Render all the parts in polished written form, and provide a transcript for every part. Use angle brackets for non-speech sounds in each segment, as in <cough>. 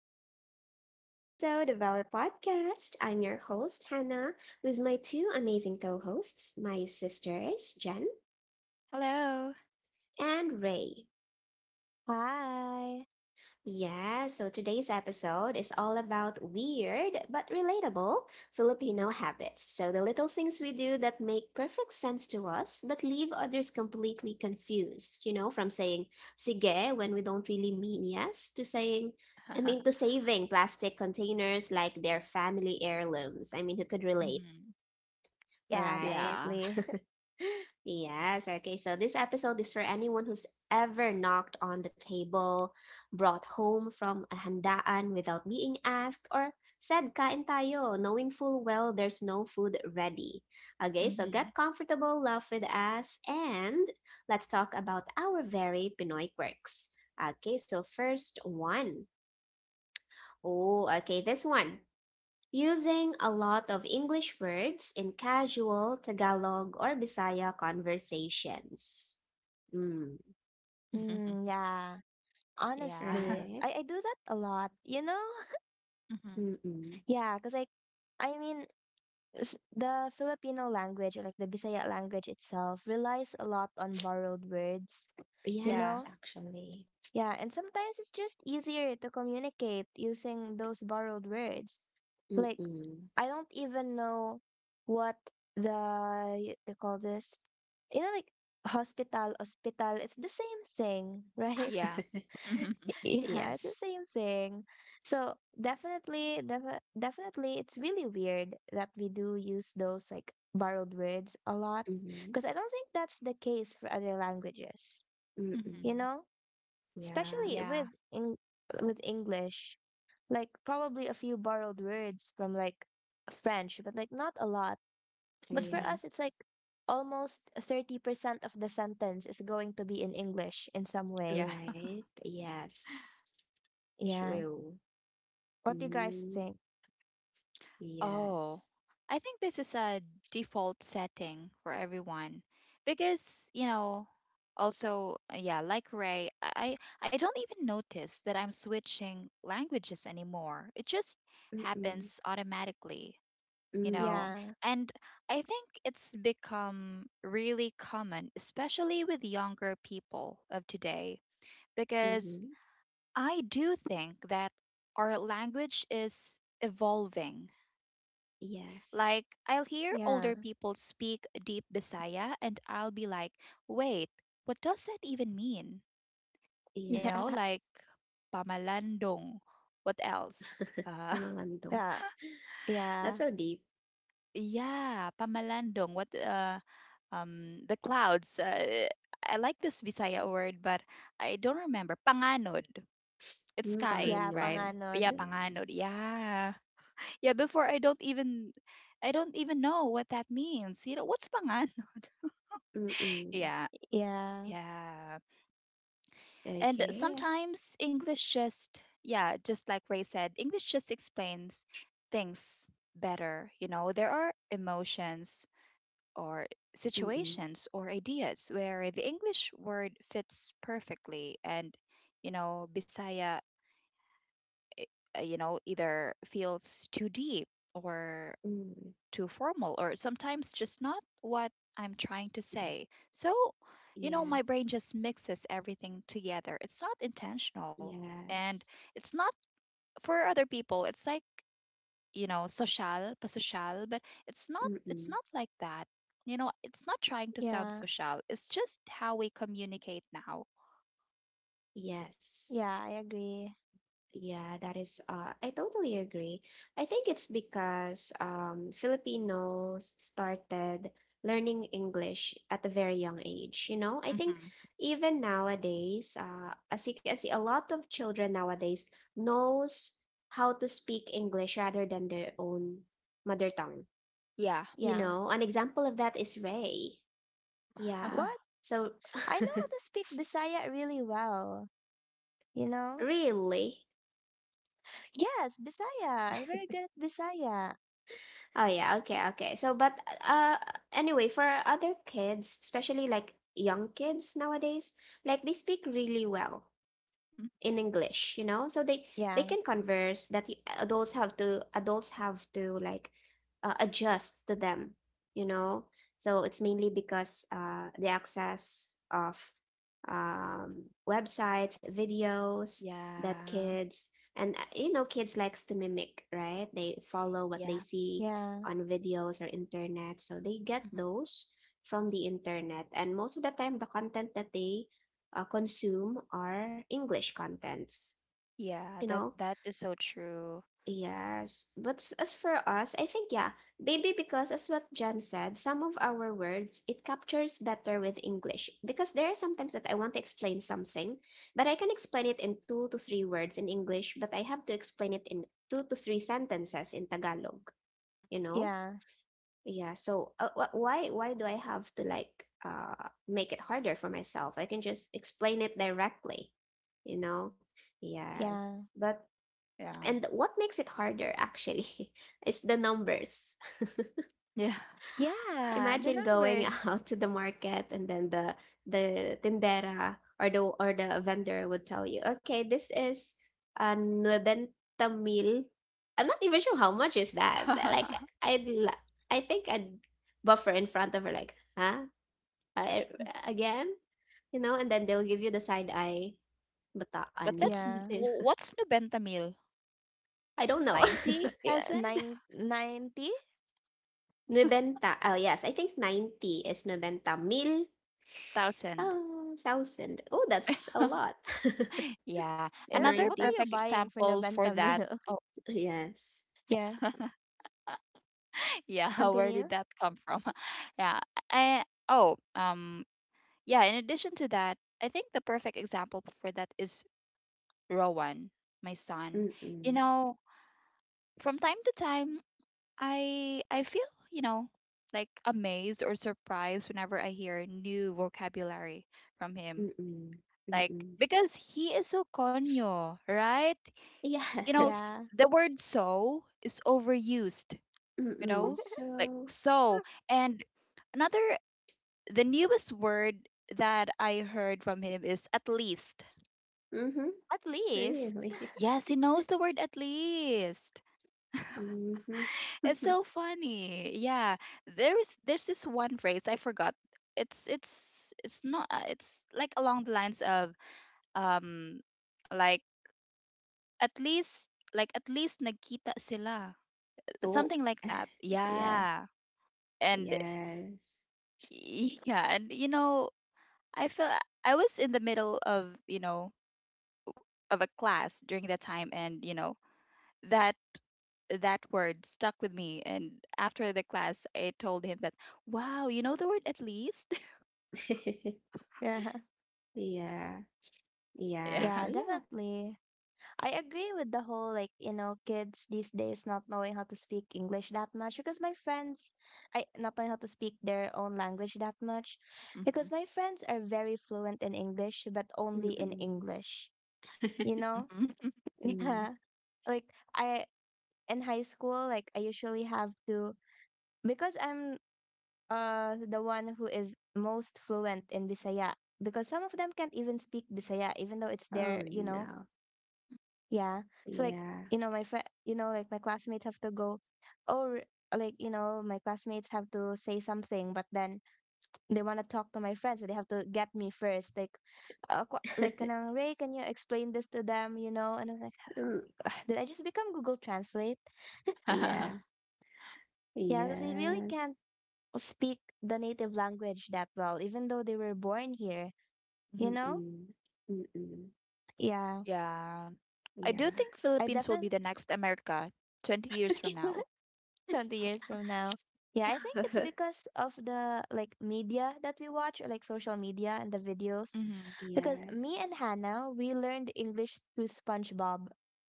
back to another episode of our podcast. I'm your host, Hannah, with my two amazing co hosts, my sisters, Jen Hello. and Ray. Hi. Yeah, so today's episode is all about weird but relatable Filipino habits. So the little things we do that make perfect sense to us but leave others completely confused, from saying sige when we don't really mean yes to saying I mean to <laughs> saving plastic containers like they're family heirlooms. I mean, who could relate, hmm Yeah, right? Yeah. definitely. <laughs> Yes, okay. So this episode is for anyone who's ever knocked on the table, brought home from a handaan without being asked, or said kain tayo, knowing full well there's no food ready. Okay, so hmm get comfortable, laugh with us, and let's talk about our very Pinoy quirks. Okay, so first one. Oh, okay, this one using a lot of English words in casual Tagalog or Bisaya conversations. Mm, Mm, <laughs> yeah. Yeah. Honestly, right? I do that a lot, you know? <laughs> <laughs> hmm Mm-mm. Yeah, because I mean f the Filipino language, like the Bisaya language itself, relies a lot on borrowed words, you Yeah. Yes, know? actually. Yeah, and sometimes it's just easier to communicate using those borrowed words. Like, Mm-mm. I don't even know what they call this. You know, like hospital, hospital. It's the same thing, right? <laughs> Yeah. <laughs> hmm Yeah, it's Yes. the same thing. So definitely, definitely, it's really weird that we do use those like borrowed words a lot, Mm-hmm. because I don't think that's the case for other languages. hmm You Mm-mm. know? Yeah. Especially Yeah. with in with English. Like probably a few borrowed words from like French, but like not a lot. But for hmm us, it's Yes. like almost 30% of the sentence is going to be in English in some way. Yeah. Right. <laughs> Yes. Yeah. True. What do you guys Mm. think? Oh, Yes. I think this is a default setting for everyone because, you know, also, yeah, like Ray, I don't even notice that I'm switching languages anymore. It just Mm-mm. happens automatically. You know, Mm. Yeah. and I think it's become really common especially with younger people of today because Mm-hmm. I do think that our language is evolving. Yes. Like I'll hear Yeah. older people speak deep Bisaya and I'll be like, wait, what does that even mean? <laughs> You know, Yeah. Yes. like pamalandong, what else <laughs> <laughs> Pangmalando. Yeah. That's Yeah. so deep. Yeah, pamalandong. What The clouds. I like this Bisaya word, but I don't remember. Panganod. It's Hmm, sky, Yeah, right? panganod. Yeah, panganod. panganod. Yes. Yeah. <laughs> Yeah, before I don't even know what that means. You know, what's panganod? <laughs> Mm. Yeah. Yeah. Yeah. And Okay. sometimes English just, yeah, just like Ray said, English just explains things better. You know, there are emotions or Mm. situations or ideas where the English word fits perfectly and you know Bisaya, you know, either feels too deep or Mm. too formal or sometimes just not what I'm trying to say. So, you know, my Yes. brain just mixes everything together. It's not intentional, and Yes. it's not for other people. It's like, you know, social pa social, but it's not it's Mm. not like that. You know, it's not trying to sound Yeah. social, it's just how we communicate now. Yes. Yeah, I agree. Yeah, that is, I totally agree. I think it's because Filipinos started learning English at a very young age. You know, I think Hmm even nowadays, as you can see, a lot of children nowadays knows how to speak English rather than their own mother tongue. yeah You Yeah. know, an example of that is Ray. Yeah. What? <laughs> So, I know how to speak Bisaya really well, you know? <laughs> really? Yes, Bisaya. I'm very good at Bisaya. Oh yeah, okay, okay. So but uh anyway, for other kids, especially like young kids nowadays, like they speak really well hmm in English, you know? So they Yeah, can converse that adults have to like adjust to them, you know? So it's mainly because the access of websites, videos that yeah kids and you know kids likes to mimic, right? They follow what they yeah see yeah, on videos or internet. So they get Mhm. those from the internet and most of the time the content that they consume our English contents. Yeah, You that know? that is so true. Yes. But as for us, I think, yeah, maybe because, as what Jen said, some of our words, it captures better with English. Because there are sometimes that I want to explain something, but I can explain it in two to three words in English, but I have to explain it in two to three sentences in Tagalog, you know? yeah, Yeah, so why do I have to like make it harder for myself? I can just explain it directly, you know? Yes. yeah, But Yeah and what makes it harder actually <laughs> is the numbers. yeah yeah. The Imagine going <laughs> numbers. out to the market and then the tindera or the vendor would tell you, okay, this is nuebenta mil. I'm not even sure how much is that. Like <laughs> I'd I think I'd buffer in front of her like, huh? I, again? You know, and then they'll give you the side eye, bataan But ni. that's Yeah, You know? <laughs> What's nubentamil? I don't know. 90,000 <laughs> yeah. thousand. 9:90. <laughs> 90. Oh yes, I think 90 is 90 mil. Thousand. Oh, thousand. Oh, that's a <laughs> lot. Yeah, <laughs> Eh, another what are 90 you perfect buying for example for Nabanta that. meal? <laughs> yes. Yeah. Yeah <laughs> Where Continue. did that come from? <laughs> Yeah. Oh, yeah, in addition to that, I think the perfect example for that is Rowan, my son. You Mm-mm. know, from time to time, I feel, you know, like amazed or surprised whenever I hear new vocabulary from him. Mm-mm. Like, Mm-mm. because he is so conyo, right? You know, Yes. Yeah. the word so is overused. You Mm-mm. know, like So, so. And another, the newest word that I heard from him is at least. mm-hmm, At least. really. <laughs> <laughs> Yes, he knows the word at least. Mm-hmm. It's so <laughs> funny. Yeah, there's this one phrase I forgot. It's not, it's like along the lines of um like at least, like at least nagkita sila. Oh, Something like that. <laughs> yes. Yeah. And Yes. <laughs> Yeah, and you know, I feel I was in the middle of, you know, of a class during that time, and you know that that word stuck with me, and after the class I told him that wow, you know the word at least. <laughs> Yeah. Yeah. Yeah. <laughs> yeah Yeah. So, yeah. Definitely. I agree with the whole like you know kids these days not knowing how to speak English that much because my friends I not knowing how to speak their own language that much hmm because my friends are very fluent in English but only in Mm-mm. English, you <laughs> know. hmm <laughs> Mm. Yeah, like I in high school like I usually have to because I'm the one who is most fluent in Bisaya because some of them can't even speak Bisaya even though it's Oh, their, you know. no. Yeah. So like, Yeah. you know, my friend, you know, like my classmates have to go or like, you know, my classmates have to say something, but then they want to talk to my friend, so they have to get me first. Like, like, <laughs> kanang Ray, can you explain this to them? You know, and I'm like, Mm, <sighs> did I just become Google Translate? yeah. <laughs> Yeah, because they really Yes. can't speak the native language that well, even though they were born here. You know? Mm-mm. Mm-mm. Yeah, Yeah, I Yeah. do think I Philippines will be definitely. the next America 20 years from now. <laughs> 20 years from now. Yeah, I think it's <laughs> because of the like media that we watch, or like social media and the videos. Mhm. Because Yes. me and Hannah, we learned English through SpongeBob.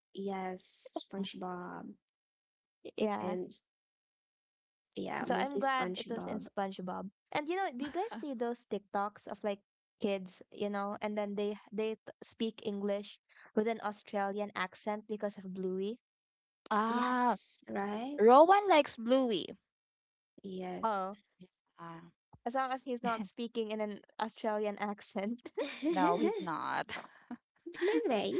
Yes, <laughs> SpongeBob. Yeah. And yeah, So I'm mostly glad it was in SpongeBob. SpongeBob. And you know, do you guys see those TikToks of like kids, you know, and then they speak English with an Australian accent because of Bluey? ah Yes, right? Rowan likes Bluey. Yes. Oh, Ah, <laughs> as long as he's not speaking in an Australian accent. <laughs> No, he's <laughs> not. Bluey.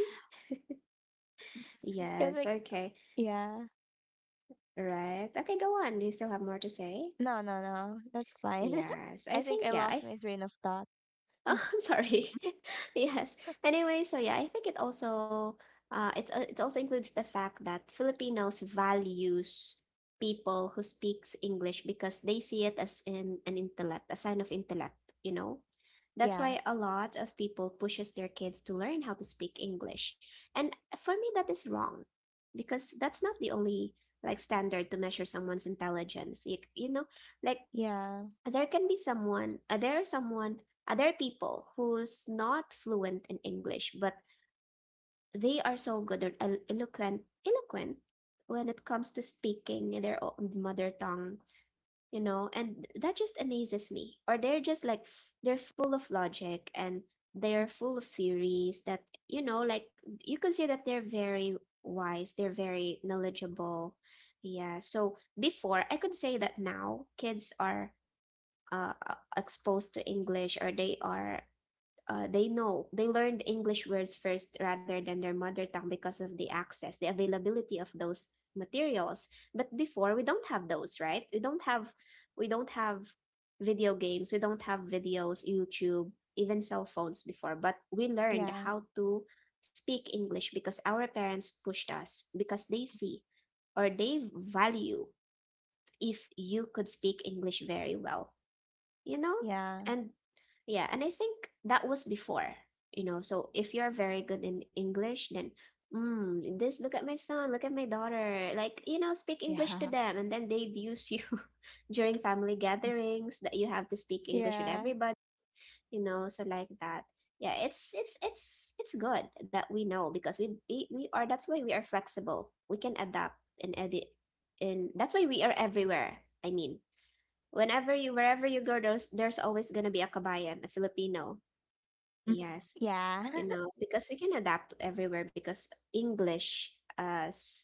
It's Yes, like, okay. yeah. Right. Okay, go on. Do you still have more to say? No, no, no. That's fine. <laughs> Yes. I I think think I yeah, I lost my train of thought. Oh, Mm, <laughs> I'm sorry. <laughs> Yes. Anyway, so yeah, I think it also includes the fact that Filipinos values people who speaks English because they see it as in an intellect, a sign of intellect, you know? That's yeah. why a lot of people pushes their kids to learn how to speak English. And for me that is wrong because that's not the only like standard to measure someone's intelligence. You know, like Yeah. There are someone other people who's not fluent in English but they are so good or eloquent when it comes to speaking in their own mother tongue, you know, and that just amazes me, or they're just like they're full of logic and <laughs> Mm, they're full of theories that, you know, like you can see that they're very wise, they're very knowledgeable. Yeah, so before I could say that now kids are exposed to English, or they are they know they learned English words first rather than their mother tongue because of the access, the availability of those materials. But before we don't have those, right? We don't have we don't have video games, we don't have videos, YouTube, even cell phones before, but we learned Yeah. how to speak English because our parents pushed us because they see or they value if you could speak English very well, you know? Yeah. And yeah, and I think that was before, you know. So if you're very good in English, then this look at my son, look at my daughter, like you know, speak English to Yeah. them, and then they'd use you <laughs> during family gatherings that you have to speak English with Yeah. everybody, you know. So like that, yeah, it's good that we know because we are that's why we are flexible. We can adapt and edit, and that's why we are everywhere. I mean, whenever you wherever you go there's always going to be a kabayan, a Filipino. Mhm. Yes. Yeah. You <laughs> know, because we can adapt everywhere because English as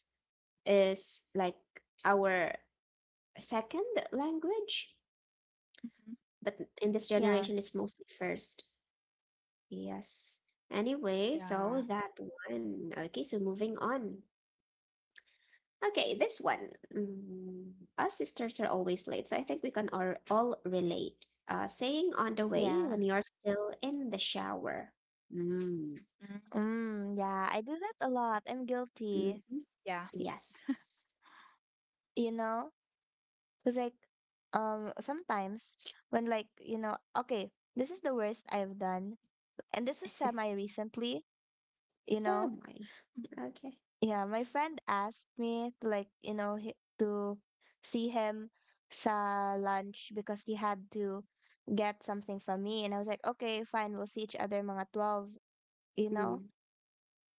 is like our second language, Mhm. but in this Yeah. generation it's mostly first. Yes. Anyway, so Yeah. that one. Okay, so moving on. Okay, this one. Mm, us sisters are always late, so I think we can all relate. Saying on the way when Yeah. you're still in the shower. Mm. Mm. Mm, yeah. I do that a lot. I'm guilty. Hmm. Yeah. Y- Yes. You know? Because, like, sometimes when, like, you know, okay, this is the worst I've done. And this is semi <laughs> recently, you know? Semi, Mhm. okay. Yeah, my friend asked me to like, you know, hi- to see him sa lunch because he had to get something from me. And I was like, okay, fine, we'll see each other mga 12, you know? Mm.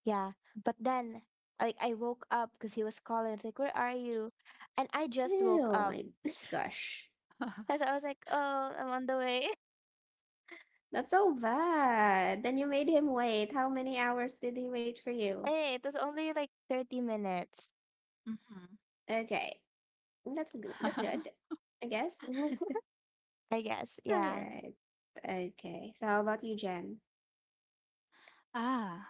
Yeah. But then, like, I woke up because he was calling. It's like, where are you? And I just woke Oh up. my gosh. <laughs> And so I was like, oh, I'm on the way. <laughs> That's so bad. Then you made him wait. How many hours did he wait for you? Hey, it was only like 30 minutes. Okay. That's good. That's Mhm. good. <laughs> I guess. <laughs> <laughs> I guess. All Yeah. right. Okay. So how about you, Jen? Ah,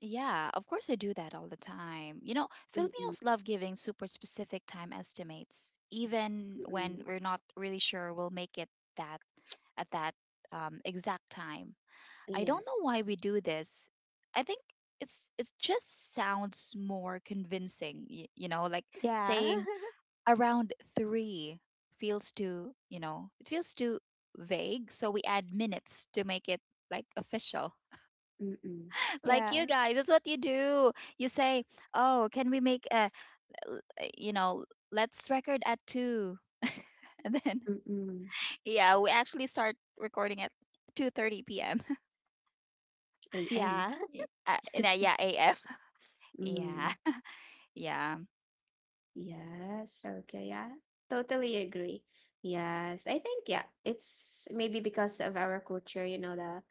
yeah, of course I do that all the time. You know, Mm-mm, Filipinos love giving super specific time estimates, even when mm-mm. we're not really sure we'll make it that at that exact time. I don't know why Yes. we do this. I think it's it just sounds more convincing, you know, like Yeah. saying <laughs> around three feels too, you know, it feels too vague, so we add minutes to make it like official. Mm-mm, Like, you Yeah. guys, that's what you do. You say, oh, can we make a l- you know, let's record at two? <laughs> And then, mm-mm. yeah, we actually start recording at 2:30 p.m. <laughs> AM. Yeah. In a, yeah am. <laughs> Mm. yeah yeah Yes, okay, yeah. Totally agree. Yes, I think yeah, it's maybe because of our culture, you know, the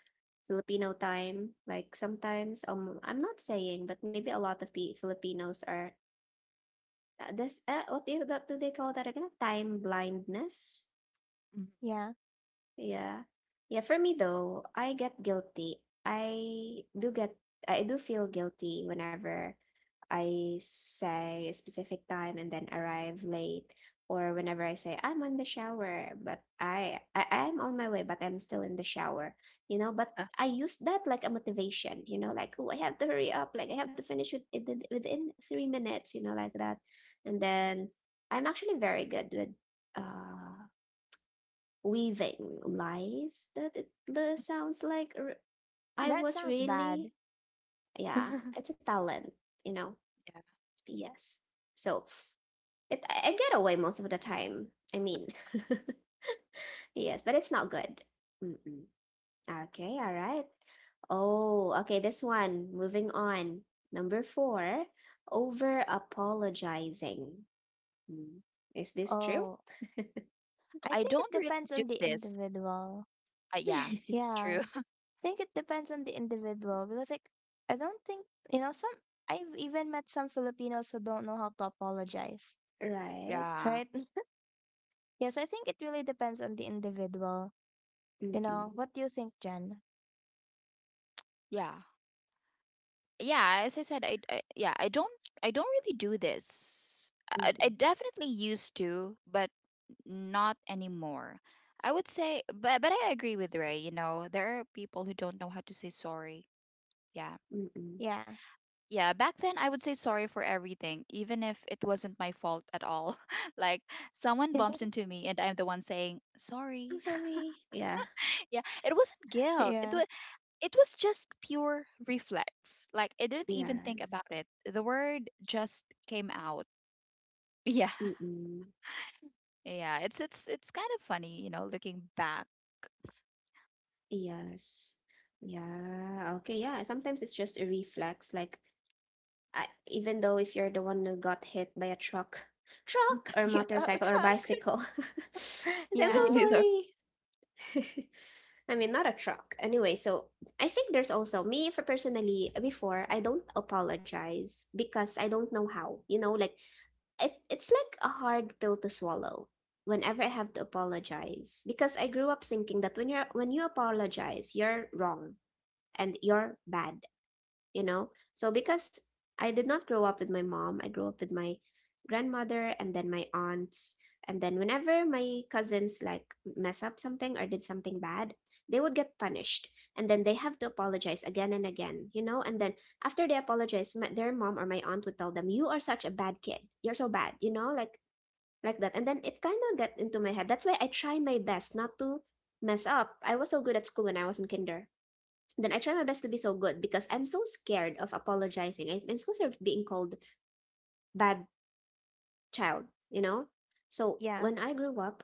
Filipino time. Like sometimes, I'm not saying, but maybe a lot of Filipinos are this. What do you, that, do they call that again? Time blindness. Mhm. <laughs> Yeah. Yeah, yeah. For me though, I get guilty. I do get. I do feel guilty whenever I say a specific time and then arrive late, or whenever I say I'm on the shower, but I'm on my way, but I'm still in the shower, you know. But Uh, I use that like a motivation, you know, like oh I have to hurry up, like I have to finish within 3 minutes, you know, like that. And then I'm actually very good with uh weaving lies that it the sounds like I That was sounds really bad. yeah, it's <laughs> a talent, you know. Yes. So it I get away most of the time. I mean, <laughs> yes, but it's not good. Mm-mm. Okay, all right. Oh, okay, this one. Moving on. Number 4, over apologizing. Mm. Is this true? Oh, I I think it don't really depends do on the this. individual. Yeah, <laughs> true. Yeah, I <laughs> think it depends on the individual because, like, I don't think, you know, some, I've even met some Filipinos who don't know how to apologize, Right. yeah right? <laughs> Yes, I think it really depends on the individual. You know, Mm-mm. what do you think, Jen? yeah Yeah, as I said, I yeah, I don't, I don't really do this. I Mm-mm. definitely used to, but not anymore. I would say. But I agree with Ray. You know, there are people who don't know how to say sorry. Yeah, Mm-mm. Yeah. yeah. Back then, I would say sorry for everything, even if it wasn't my fault at all. <laughs> Like, someone bumps <laughs> into me, and I'm the one saying I'm sorry. sorry. Yeah. <laughs> Yeah, it wasn't guilt. It Yeah. was it was just pure reflex. Like, I didn't even think Yes. about it. The word just came out. <laughs> Yeah, Mm-mm. yeah. It's kind of funny, you know, looking back. Yes. Yeah. Okay. Yeah. Sometimes it's just a reflex. Like I, even though if you're the one who got hit by a truck, or Yeah. Motorcycle or Truck. bicycle, <laughs> <laughs> it's, I'm <laughs> Yeah. These are so sorry. <laughs> I mean, not a truck. Anyway, so I think there's also me for personally before I don't apologize because I don't know how. You know, like it's like a hard pill to swallow whenever I have to apologize because I grew up thinking that when you apologize, you're wrong and you're bad, you know. So because I did not grow up with my mom, I grew up with my grandmother and then my aunts, and then whenever my cousins like mess up something or did something bad, they would get punished, and then they have to apologize again and again, you know, and then after they apologize their mom or my aunt would tell them, "You are such a bad kid, you're so bad," you know, like that. And then it kind of got into my head. That's why I try my best not to mess up. I was so good at school when I was in kinder. Then I try my best to be so good because I'm so scared of apologizing. I'm so scared of being called bad child, you know? So Yeah. when I grew up,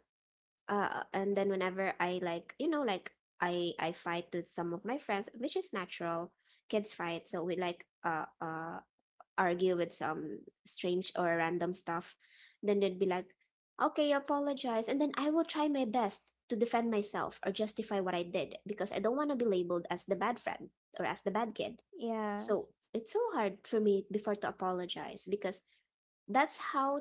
and then whenever I like, like I fight with some of my friends, which is natural. Kids fight, so we like argue with some strange or random stuff. Then they'd be like, "Okay, apologize," and then I will try my best to defend myself or justify what I did because I don't want to be labeled as the bad friend or as the bad kid, Yeah. so it's so hard for me before to apologize because that's how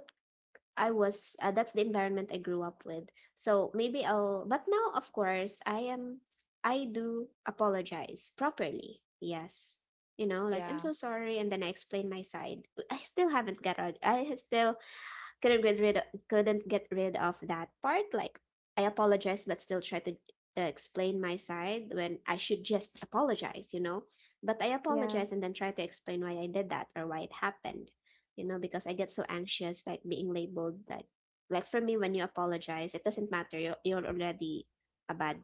I was, that's the environment I grew up with. So maybe I'll, but now, of course, I am, I do apologize properly. Yes. You know, like, I'm yeah. so sorry. And then I explain my side. I still haven't got, I still couldn't get rid couldn't get rid of that part, like, I apologize but still try to explain my side when I should just apologize, you know. But I Yeah. apologize and then try to explain why I did that or why it happened, you know, because I get so anxious, like, being labeled that. Like, for me, when you apologize, it doesn't matter, you're already a bad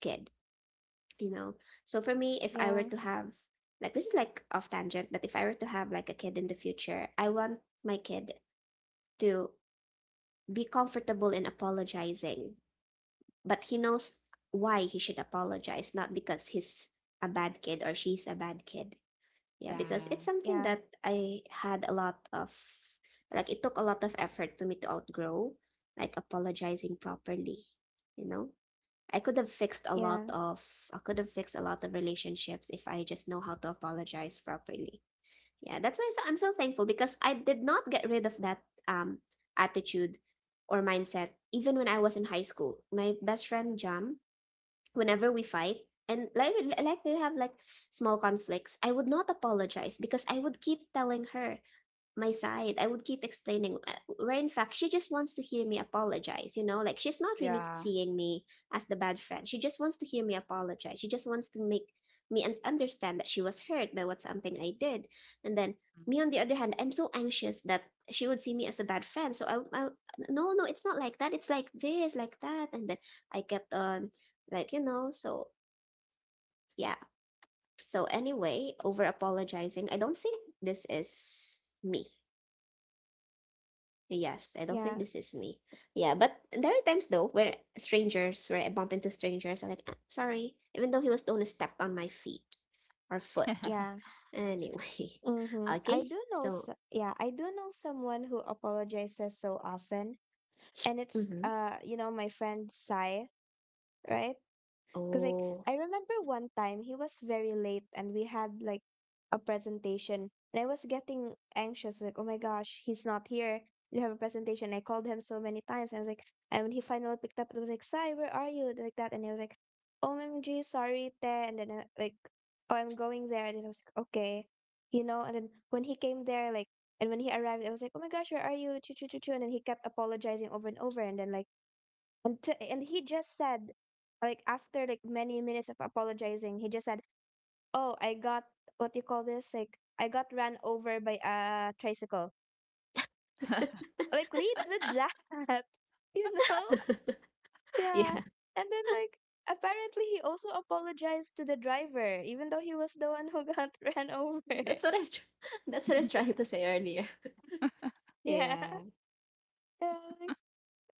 kid, you know. So for me, if I were Yeah. to have, like, this is like off tangent, but if I were to have like a kid in the future, I want my kid to be comfortable in apologizing, but he knows why he should apologize, not because he's a bad kid or she's a bad kid. Yeah, because Yeah. it's something Yeah. that I had a lot of, like, it took a lot of effort for me to outgrow, like, apologizing properly, you know? I could have fixed a lot Yeah. of, I could have fixed a lot of relationships if I just know how to apologize properly. Yeah, that's why I'm so thankful because I did not get rid of that um attitude or mindset even when I was in high school. My best friend Jam, whenever we fight and, like, we have like small conflicts, I would not apologize because I would keep telling her my side, I would keep explaining, where in fact she just wants to hear me apologize, you know, like she's not really Yeah. seeing me as the bad friend, she just wants to hear me apologize, she just wants to make me understand that she was hurt by what something I did. And then me, on the other hand, I'm so anxious that she would see me as a bad friend, so I no no it's not like that, it's like this, like that, and then I kept on, like, you know, so yeah. So anyway, over apologizing, I don't think this is me. Yes, I don't think Yeah. this is me. Yeah, but there are times though where where I bump into strangers, I'm like, "Ah, sorry," even though he was the one who stepped on my feet or Mm. foot. <laughs> Yeah. Anyway, Mm-hmm. <laughs> I okay, do know, so, s Yeah, I do know someone who apologizes so often, and it's mm-hmm. You know, my friend Sai, right? Because, like, Oh, I remember one time he was very late and we had, like, a presentation. And I was getting anxious, like, oh my gosh, he's not here. We have a presentation. I called him so many times. I was like, and when he finally picked up, it was like, Sai, where are you? Like that. And I was like, OMG, sorry, te. And then, like, oh, I'm going there. And then I was like, okay, you know. And then when he came there, like, and when he arrived, I was like, oh my gosh, where are you? Choo, choo, choo, choo. And then he kept apologizing over and over. And then, like, and to, and he just said, like after like many minutes of apologizing, he just said, "Oh, I got what do you call this? Like I got ran over by a tricycle." Like lead with that, <laughs> you know? Yeah. yeah, And then like apparently he also apologized to the driver, even though he was the one who got <laughs> ran <laughs> over. that's what I, was tr- <laughs> that's what I was trying to say earlier. <laughs> Yeah. Yeah, Yeah. Like,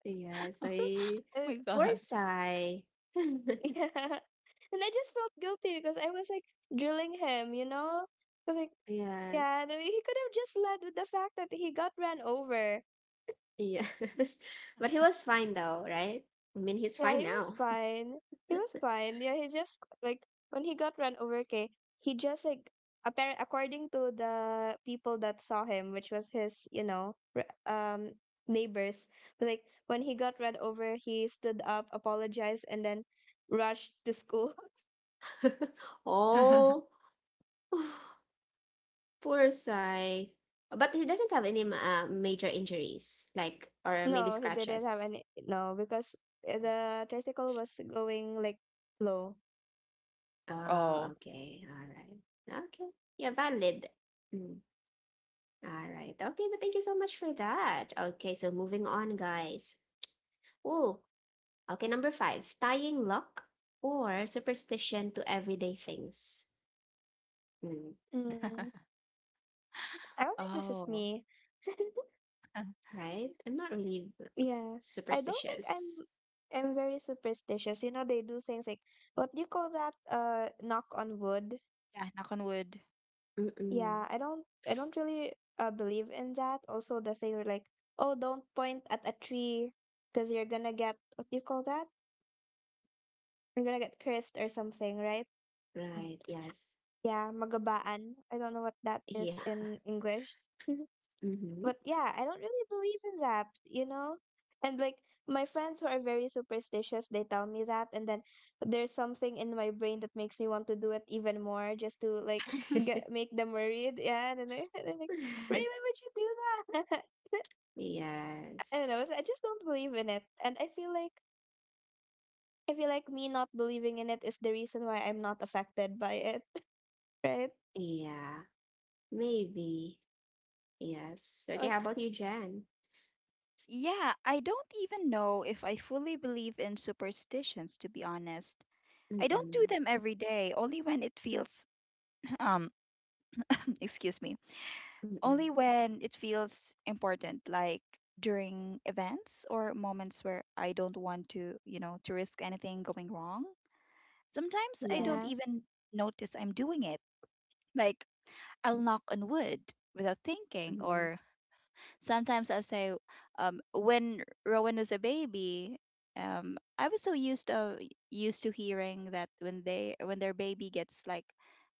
yeah, so just, Oh uh, my poor God. Forsai. <laughs> <laughs> yeah. And I just felt guilty because I was like drilling him, you know? 'Cause, like, Yes, yeah, and he could have just led with the fact that he got ran over. yes, <laughs> but he was fine though, right? I mean, he's Yeah, fine he was now. fine. He was fine. Yeah, he just like when he got ran over, okay, he just like apparent according to the people that saw him, which was his, you know, neighbors, like when he got ran over, he stood up, apologized, and then rushed to school. <laughs> <laughs> Oh. <laughs> <sighs> Poor Sai. But he doesn't have any major injuries, like, or maybe No, he didn't scratches. have any. No, because the tricycle was going like slow. Oh, Oh. okay. All right. Okay. Yeah, valid. Mm. All right. Okay, but thank you so much for that. Okay, so moving on, guys. Oh, okay, number 5, tying luck or superstition to everyday things. Mm, Mm, <laughs> I don't think this is Oh. me. <laughs> <laughs> right? I'm not really Yeah, I don't think superstitious. I'm very superstitious. You know, they do things like what do you call that? Knock on wood. Yeah, knock on wood. Yeah, Mm-mm. I don't really believe in that. Also, the thing where like, oh, don't point at a tree because you're gonna get what do you call that? You're gonna get cursed or something, right? Mm. Right, yes. Yeah, magabaan. I don't know what that Yeah. is in English. <laughs> Mm-hmm. But yeah, I don't really believe in that, you know? And like my friends who are very superstitious, they tell me that and then there's something in my brain that makes me want to do it even more just to like get <laughs> make them worried. Yeah, and then I, <laughs> and I'm like, Ray, why <laughs> would you do that? <laughs> I don't Yes. know. So I just don't believe in it. And I feel like me not believing in it is the reason why I'm not affected by it, <laughs> right? Yeah. Maybe. Yes. Okay, But how about you, Jen? Yeah, I don't even know if I fully believe in superstitions, to be honest. I don't do Mm-mm. them every day, only when it feels, <clears throat> um, <coughs> excuse me, Mm-mm. only when it feels important, like during events or moments where I don't want to, you know, to risk anything going wrong. Sometimes I don't yeah. Yes. even notice I'm doing it. Like, I'll knock on wood without thinking. Mm-mm. Or sometimes I'll say, when Rowan was a baby, I was so used to hearing that when they when their baby gets like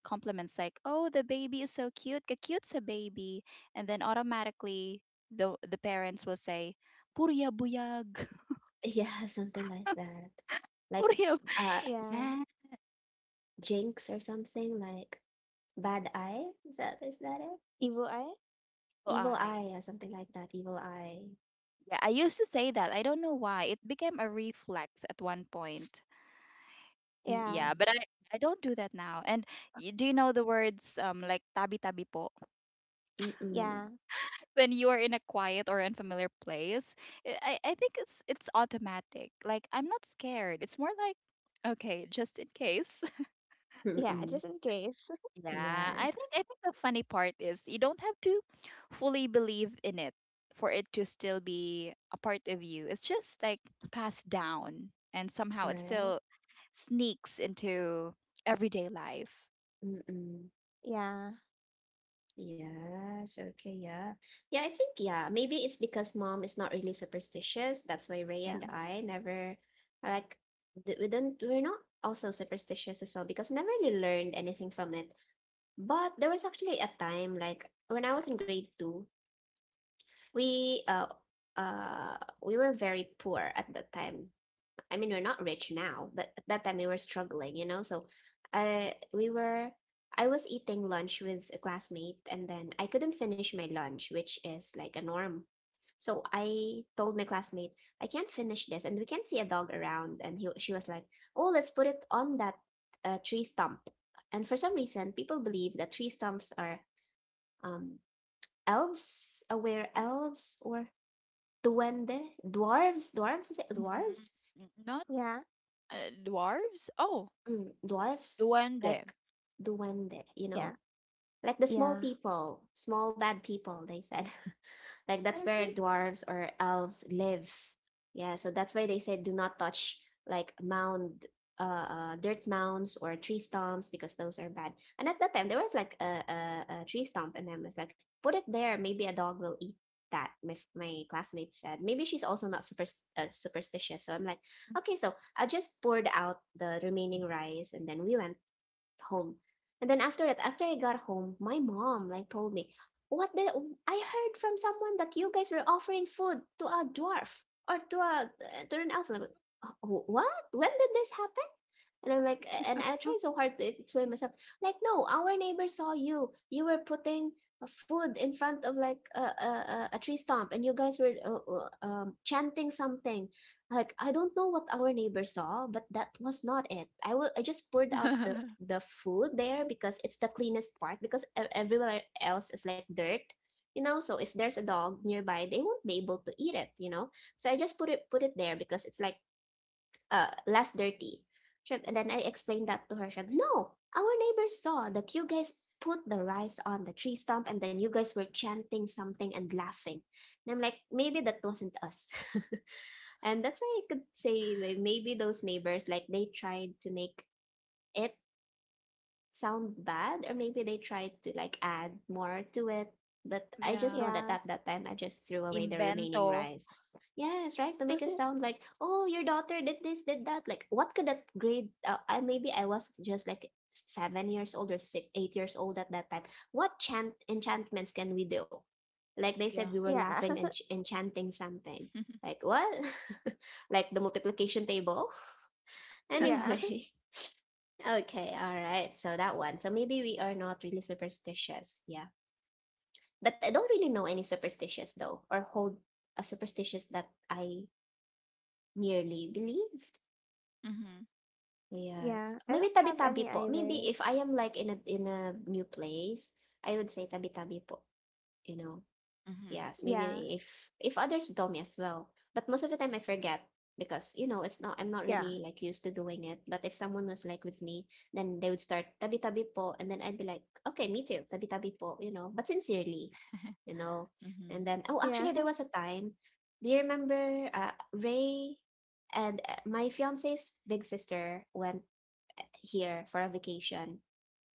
compliments like, "Oh, the baby is so cute. Ka cute's a baby," and then automatically the parents will say, "Purya buyag, <laughs> <laughs> Yeah, something like that. Like, purya." uh Yeah. Yes, jinx or something like bad eye. Is that it? Evil eye? so Evil I. eye. Yeah, something like that. Evil eye. Yeah, I used to say that. I don't know why. It became a reflex at one point. Yeah. Yeah, Mm-mm. but I don't do that now. And do you know the words like tabi tabi po? Mm-mm. Yeah. <laughs> When you are in a quiet or unfamiliar place, I think it's automatic. Like, I'm not scared. It's more like okay, just in case. <laughs> Yeah, Mm-mm. just in case. Yeah, I Yes. think I think the funny part is you don't have to fully believe in it for it to still be a part of you. It's just like passed down and somehow it Right? still sneaks into everyday life. Mm-mm. Yeah. Yes, okay, yeah. Yeah, I think, yeah, maybe it's because mom is not really superstitious. That's why Ray Yeah. and I never, like, we're not also superstitious as well because I never really learned anything from it. But there was actually a time, like, when I was in grade two, we, uh, uh, we were very poor at that time. I mean, we're not rich now, but at that time we were struggling, you know? So, uh, we were, I was eating lunch with a classmate and then I couldn't finish my lunch, which is like a norm. So I told my classmate, I can't finish this and we can't see a dog around. And he, she was like, oh, let's put it on that, tree stump. And for some reason, people believe that tree stumps are, um, elves, aware elves, or duende, dwarves, is it hmm dwarves? Mm-hmm. Not Yeah, dwarves? Oh, Mm, dwarfs, duende. like duende, you yeah, know, like the small yeah, people, small bad people, they said. <laughs> Like that's where <laughs> dwarves or elves live. Yeah, so that's why they said do not touch like mound dirt mounds or tree stumps because those are bad. And at that time there was like a tree stump and I was like, put it there, maybe a dog will eat that, my classmate said, maybe she's also not superstitious, so I'm like, okay, so I just poured out the remaining rice and then we went home. And then after that, after I got home, my mom like told me, "What the? I heard from someone that you guys were offering food to a dwarf or to an elf." Like, what? When did this happen? And I'm like, and I try so hard to explain myself. Like, no, our neighbor saw you. You were putting, food in front of like tree stump, and you guys were chanting something. Like, I don't know what our neighbor saw, but that was not it. I will. I just poured out <laughs> the food there because it's the cleanest part because everywhere else is like dirt, you know. So if there's a dog nearby they won't be able to eat it, you know. So I just put it there because it's like less dirty. And then I explained that to her, she said, no, our neighbors saw that you guys put the rice on the tree stump and then you guys were chanting something and laughing. And I'm like, maybe that wasn't us. <laughs> And that's how I could say, like, maybe those neighbors, like they tried to make it sound bad, or maybe they tried to like add more to it, but I just know Yeah. that yeah, at that time I just threw away the Invento. remaining rice. Yes, right, to make it <laughs> sound like, oh, your daughter did this, did that, like what could that grade, I, maybe I was just like 7 years old or 6, 8 years old at that time. What chant enchantments can we do, like they said Yeah. we were yeah, laughing and enchanting something, like what. <laughs> Like the multiplication table. <laughs> <laughs> <laughs> yeah, Anyway. Okay, all right. So that one. So maybe we are not really superstitious. Yeah. But I don't really know any superstitious though, or hold a superstitious that I nearly believed. mhm. yeah. Yes. I Maybe don't have tabi-tabi any po. either. Maybe if I am, like, in a new place, I would say tabi-tabi po. You know, Mhm. yes, Yeah, maybe if others tell me as well. But most of the time I forget because you know it's not, I'm not yeah, really, like, used to doing it. But if someone was like with me, then they would start tabi tabi po, and then I'd be like, okay, me too, tabi tabi po, you know, but sincerely, <laughs> you know. Mhm. And then oh, yeah, actually <laughs> there was a time. Do you remember, Ray and, my fiance's big sister went, here for a vacation,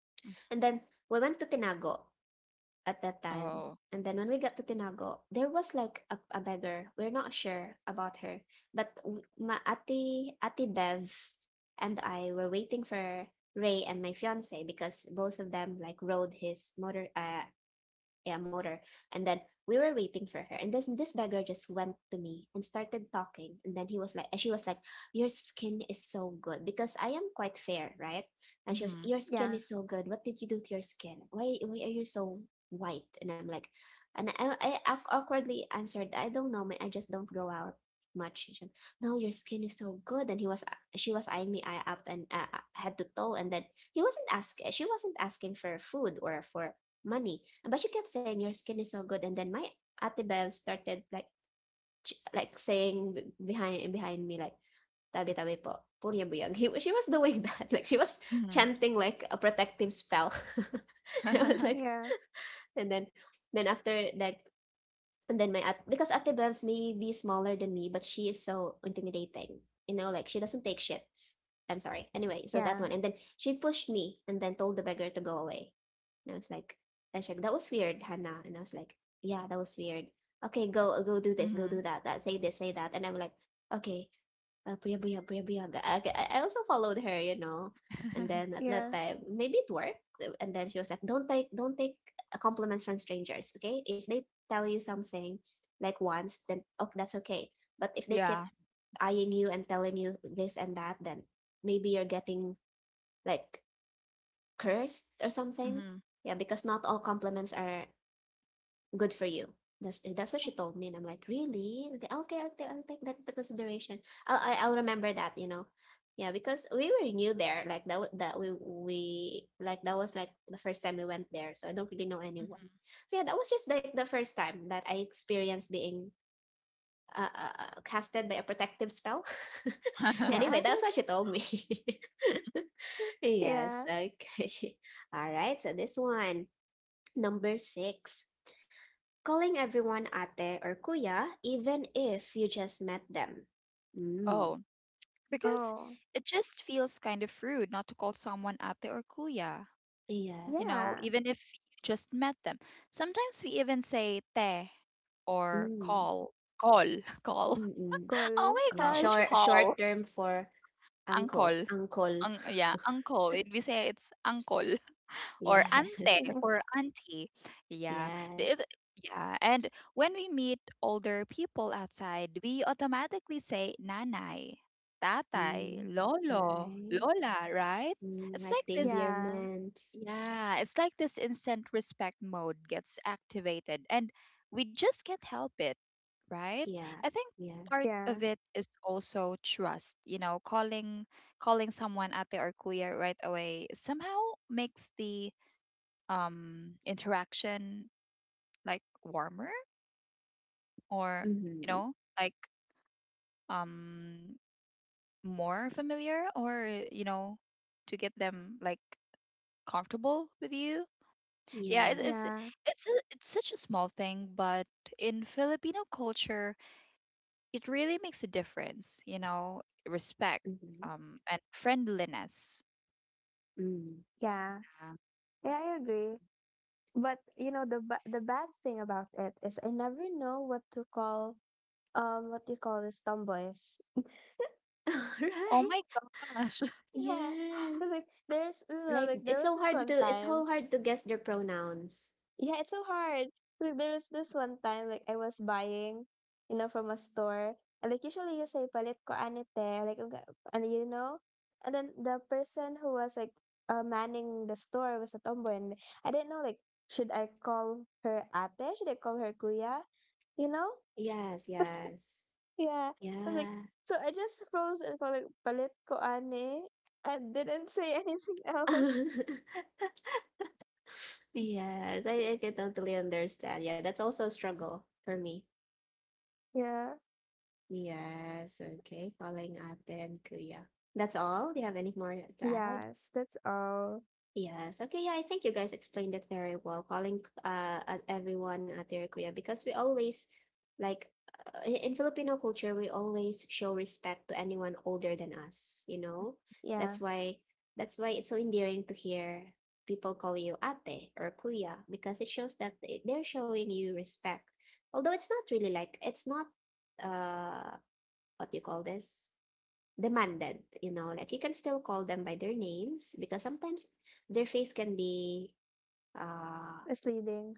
mhm. and then we went to Tinago at that Oh. time. And then when we got to Tinago, there was like a beggar. We're not sure about her, but ma ati ati Bev and I were waiting for Ray and my fiance because both of them like rode his motor, yeah, motor. And then we were waiting for her. And this beggar just went to me and started talking. And then he was like, and she was like, your skin is so good. Because I am quite fair, right? And she was, Mhm. your skin yeah, is so good. What did you do to your skin? Why are you so white? And I'm like, and I awkwardly answered, I don't know, man. I just don't grow out much. Said, no, your skin is so good. And he was, she was eyeing me eye up and, head to toe. And then he wasn't asking, she wasn't asking for food or for money. But she kept saying your skin is so good, and then my Ate Bev started like saying behind me like tabi tabi po purya buyag. She was doing <laughs> that like she was Mhm. chanting like a protective spell. <laughs> and I was <laughs> like, yeah, and then after like and then my at because Ate Bevs may be smaller than me, but she is so intimidating. You know, like she doesn't take shits. I'm sorry. Anyway, so that yeah, one. And then she pushed me and then told the beggar to go away. And I was like, I that was weird, Hannah. And I was like, yeah, that was weird. Okay, go do this, go mhm. do that, say this, say that. And I'm like, okay, Priya Buyaga. I also followed her. And then <laughs> at that yeah, time, maybe it worked. And then she was like, "Don't take compliments from strangers, okay? If they tell you something like once, then oh, that's okay. But if they keep yeah. eyeing you and telling you this and that, then maybe you're getting like cursed or something. Mhm. Yeah, because not all compliments are good for you. That's what she told me, and I'm like, really? Okay, okay, I'll take that into consideration. I'll remember that. Yeah, because we were new there, like that wa- that we like that was like the first time we went there, so I don't really know Mhm. anyone. So yeah, that was just like the first time that I experienced being casted by a protective spell. <laughs> <laughs> yeah, Anyway, that's <laughs> what she told me. <laughs> Yes. yeah. Okay. <laughs> All right. So this one, number six. Calling everyone ate or kuya, even if you just met them. Mm. Oh, because Oh, it just feels kind of rude not to call someone ate or kuya, you Yes. know, yeah. even if you just met them. Sometimes we even say te or Mm. call, call, <laughs> call. Mm-mm. Oh Call, my Yeah, call. gosh, short call. term for uncle, Uncle. uncle. Ang, <laughs> yeah, uncle. It, we say it's uncle or ante Yes. for <laughs> auntie. Yeah. The- Yes. it- yeah. And when we meet older people outside, we automatically say nanay, tatay, Mm. lolo, Right. lola, right? Mm. It's Like like the this Yeah, endearment. yeah, it's like this instant respect mode gets activated, and we just can't help it, right? Yeah. I think Yeah. part yeah, of it is also trust. You know, calling someone ate or kuya right away somehow makes the interaction like warmer or, you Mm-hmm. know, like um more familiar, or, you know, to get them like comfortable with you. Yeah, it, Yes. it's yeah, it's a, it's such a small thing, but in Filipino culture, it really makes a difference. You know, respect, Mm-hmm. And friendliness. Mm. yeah. Uh, Yeah, I agree. But you know the the bad thing about it is I never know what to call what do you call this, tomboys. <laughs> oh Right. my gosh. Yeah. 'Cause, Yes. like there's you know, Like like there it's was so this hard one to it's time. so hard to guess their pronouns. Yeah, it's so hard. Like there was this one time like I was buying, you know, from a store. And like usually you say palit ko anite, like and you know? And then the person who was like manning the store was a tomboy and I didn't know like should I call her ate? Should I call her kuya? You know? Yes, <laughs> yes. Yeah. I was like, Yeah. so I just froze and called like palit ko ane. I didn't say <laughs> anything else. <laughs> Yes, I can totally understand. Yeah, that's also a struggle for me. Yeah. Yes, okay. Calling up then Kuya. That's all. Do you have any more to add? Yes, that's all. Yes. Okay. Yeah, I think you guys explained it very well, calling at everyone at their kuya, because we always, like, in Filipino culture we always show respect to anyone older than us. You know, that's Yeah. why that's why it's so endearing to hear people call you ate or kuya, because it shows that they're showing you respect. Although it's not really, like, it's not, uh what you call this, demanded, you know, like you can still call them by their names because sometimes their face can be, uh Misleading.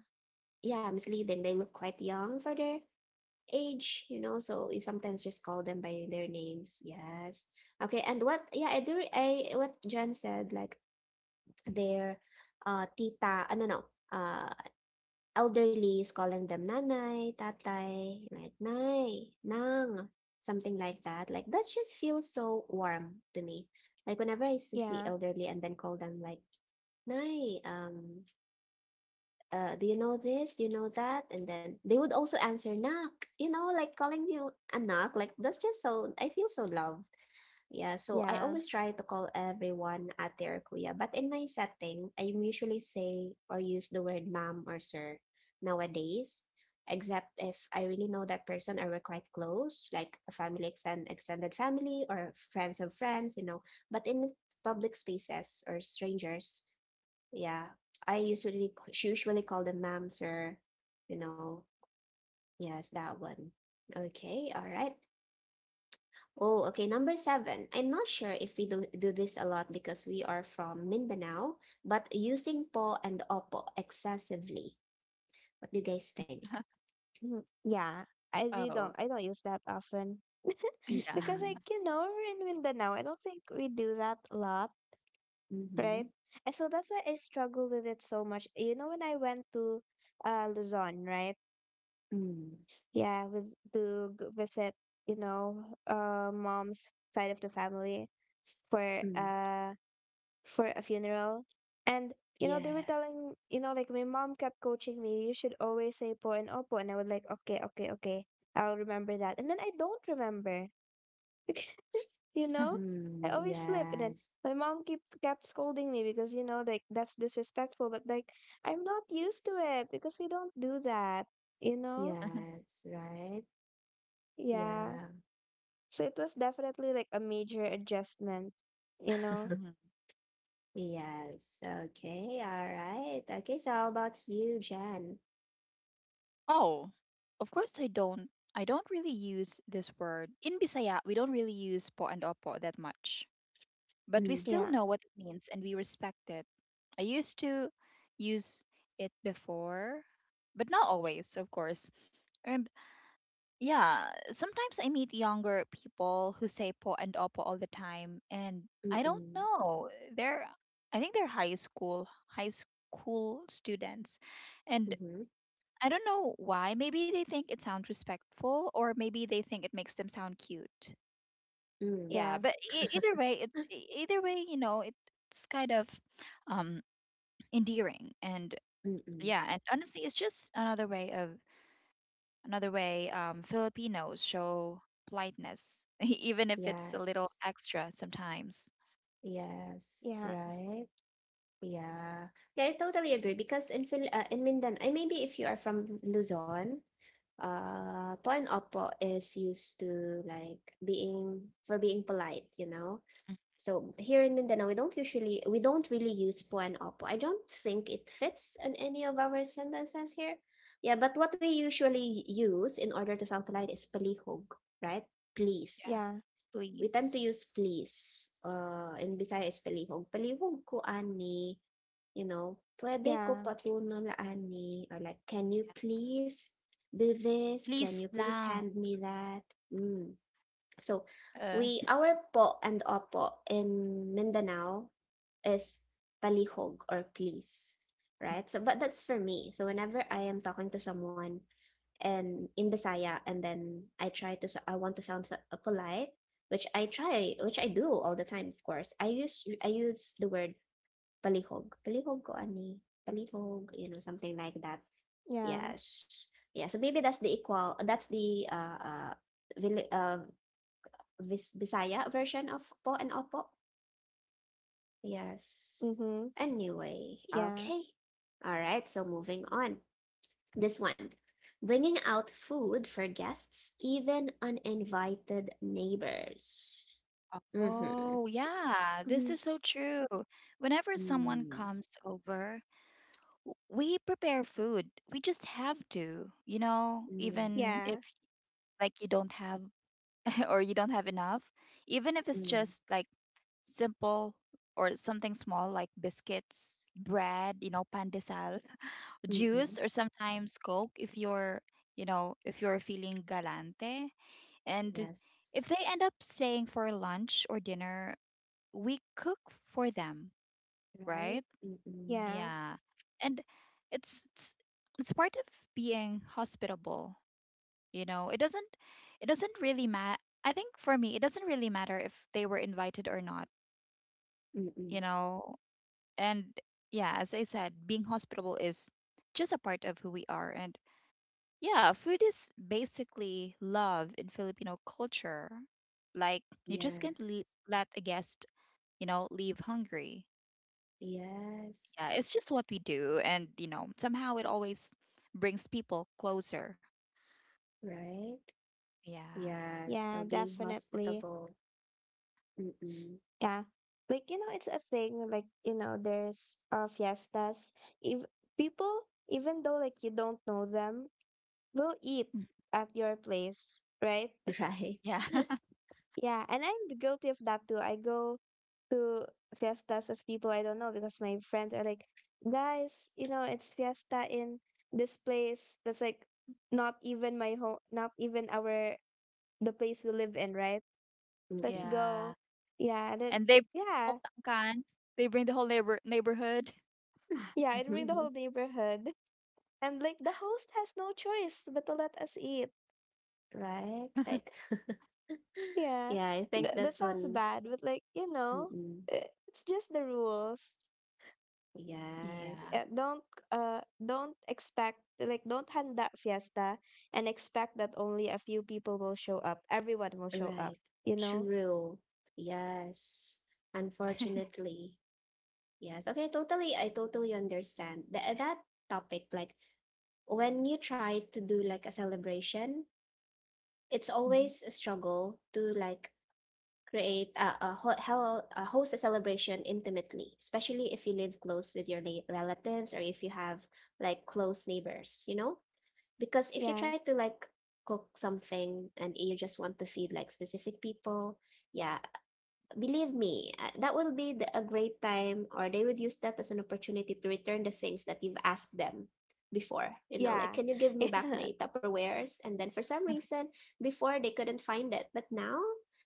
yeah, misleading. They look quite young for their age, you know, so you sometimes just call them by their names. Yes. Okay, and what yeah, I do I what Jen said, like their tita, ano no, no, uh elderly, is calling them nanay, tatay, like nay, nang, something like that. Like that just feels so warm to me. Like whenever I see Yeah. elderly and then call them like nay, do you know this? Do you know that? And then they would also answer nak. You know, like calling you a nak. Like that's just so I feel so loved. Yeah, so I Yeah. always try to call everyone ate or kuya, but in my setting, I usually say or use the word ma'am or sir nowadays, except if I really know that person or we're quite close, like a family, extended family, or friends, of friends. But in public spaces or strangers, yeah, I usually call them ma'am, sir, you know. Yes, that one. Okay, all right. Oh, okay. Number seven. I'm not sure if we do this a lot because we are from Mindanao, but using po and opo excessively. What do you guys think? <laughs> Mhm, yeah. I really oh don't I don't use that often. <laughs> yeah. Because like, Mm-mm. you know, we're in Mindanao. I don't think we do that a lot, right? Mm-hmm. And so that's why I struggle with it so much. You know, when I went to Luzon, right? Mm. Yeah, visit, you know, mom's side of the family for Mm. uh for a funeral. And, you know, they were Yeah. telling, you know, like my mom kept coaching me, you should always say po and opo. And I would like, okay, okay, okay. I'll remember that. And then I don't remember, <laughs> you know? I Mm. always slip. And then Yes. my mom kept scolding me because, you know, like that's disrespectful. But like, I'm not used to it because we don't do that, you know? <laughs> Yes. Right? Yeah. Yeah. So it was definitely like a major adjustment, you <laughs> know? Mhm. Yes. Okay. All right. Okay. So how about you, Jen? Oh, of course I don't. I don't really use this word in Bisaya. We don't really use po and opo that much, but we Mm, still Yeah, know what it means and we respect it. I used to use it before, but not always, of course. And yeah, sometimes I meet younger people who say po and opo all the time, and I don't mm-mm. know. They're, I think they're high school students. And Mm-hmm. I don't know why. Maybe they think it sounds respectful, or maybe they think it makes them sound cute. Mm, Yeah, yeah, but either way, it either way, you know, it's kind of um endearing. And mm-mm. yeah, and honestly, it's just another way of, another way Filipinos show politeness <laughs> even if it's a little Yes. extra sometimes. Yes. yeah, Right. Yeah. Yeah, I totally agree because in Mindanao, maybe if you are from Luzon, po and opo is used to, like, being for being polite. Mm. So here in Mindanao, we don't really use po and opo. I don't think it fits in any of our sentences here. Yeah, but what we usually use in order to sound polite is palihog, right? yeah Please. yeah, We tend to please use please. In Bisaya is palihog. Palihog ko ani, you know, pwede ko yeah, patunol la ani, or like, can you yeah. please do this? Can you please please lang hand me that? Mm. So, uh, our po and opo in Mindanao is palihog or please, right? So, but that's for me. So, whenever I am talking to someone, and in Bisaya, and then I want to sound polite, which I do all the time. Of course, I use the word palihog, palihog ko ani, palihog, you know, something like that. yeah. Yes, yeah. So maybe that's the equal. That's the Vil- uh Bisaya version of po and opo. Yes. Mm-hmm. Anyway, Yeah. okay. All right. So moving on. This one, bringing out food for guests, even uninvited neighbors. Mm-hmm. oh, yeah, this Hmm. is so true. Whenever someone Mm, comes over, we prepare food. We just have to, you know, mm, even Yeah. if like you don't have <laughs> or you don't have enough, even if it's mm, just like simple or something small like biscuits, bread, you know, pandesal, mm-mm. juice, or sometimes Coke if you're, you know, if you're feeling galante. And Yes. if they end up staying for lunch or dinner, we cook for them, Right? right? Mm-mm. Yeah. Yeah. And it's it's, it's part of being hospitable, you know. It doesn't really matter. I think for me, it doesn't really matter if they were invited or not, Mm-mm. you know. And yeah, as I said, being hospitable is just a part of who we are. And yeah, food is basically love in Filipino culture. Like, you just Yeah. can't let a guest, you know, leave hungry. Yes. Yeah, it's just what we do. And, you know, somehow it always brings people closer. Right? Yeah. Yeah. So Yeah, being definitely. hospitable. Mm-mm. Yeah. Like, you know, it's a thing, like, you know, there's fiestas. If people, even though like you don't know them, will eat Mm. at your place, right? <laughs> Right. Yeah. Yeah, and I'm guilty of that too. I go to fiestas of people I don't know because my friends are like, guys, you know, it's fiesta in this place that's like not even my home, not even our the place we live in, right? <laughs> Let's yeah. go. Yeah, and then And they bring the whole yeah, tangkan, they bring the whole neighborhood. yeah, it will ring the Mm-mm. whole <laughs> neighborhood. And like the host has no choice but to let us eat. Right. Like, <laughs> Yeah. yeah, I think That that's sounds one. bad, but like, you know, Mm-mm. It's just the rules. Yeah. <laughs> Yeah, Yes. Don't expect like don't handa fiesta and expect that only a few people will show up. Everyone will show up, Right. you know? True. Yes. Unfortunately. Yes. Okay, totally. I totally understand. That topic, like when you try to do like a celebration, it's Mhm. always a struggle to, like, create a, ho- how, a host a celebration intimately, especially if you live close with your relatives, or if you have like close neighbors, you know? Because if you Yeah. try to, like, cook something and you just want to feed like specific people, yeah, believe me, that will be a great time, or they would use that as an opportunity to return the things that you've asked them before. You know, like, Yeah. can you give me back my <laughs> Tupperwares? And then for some reason, before they couldn't find it, but now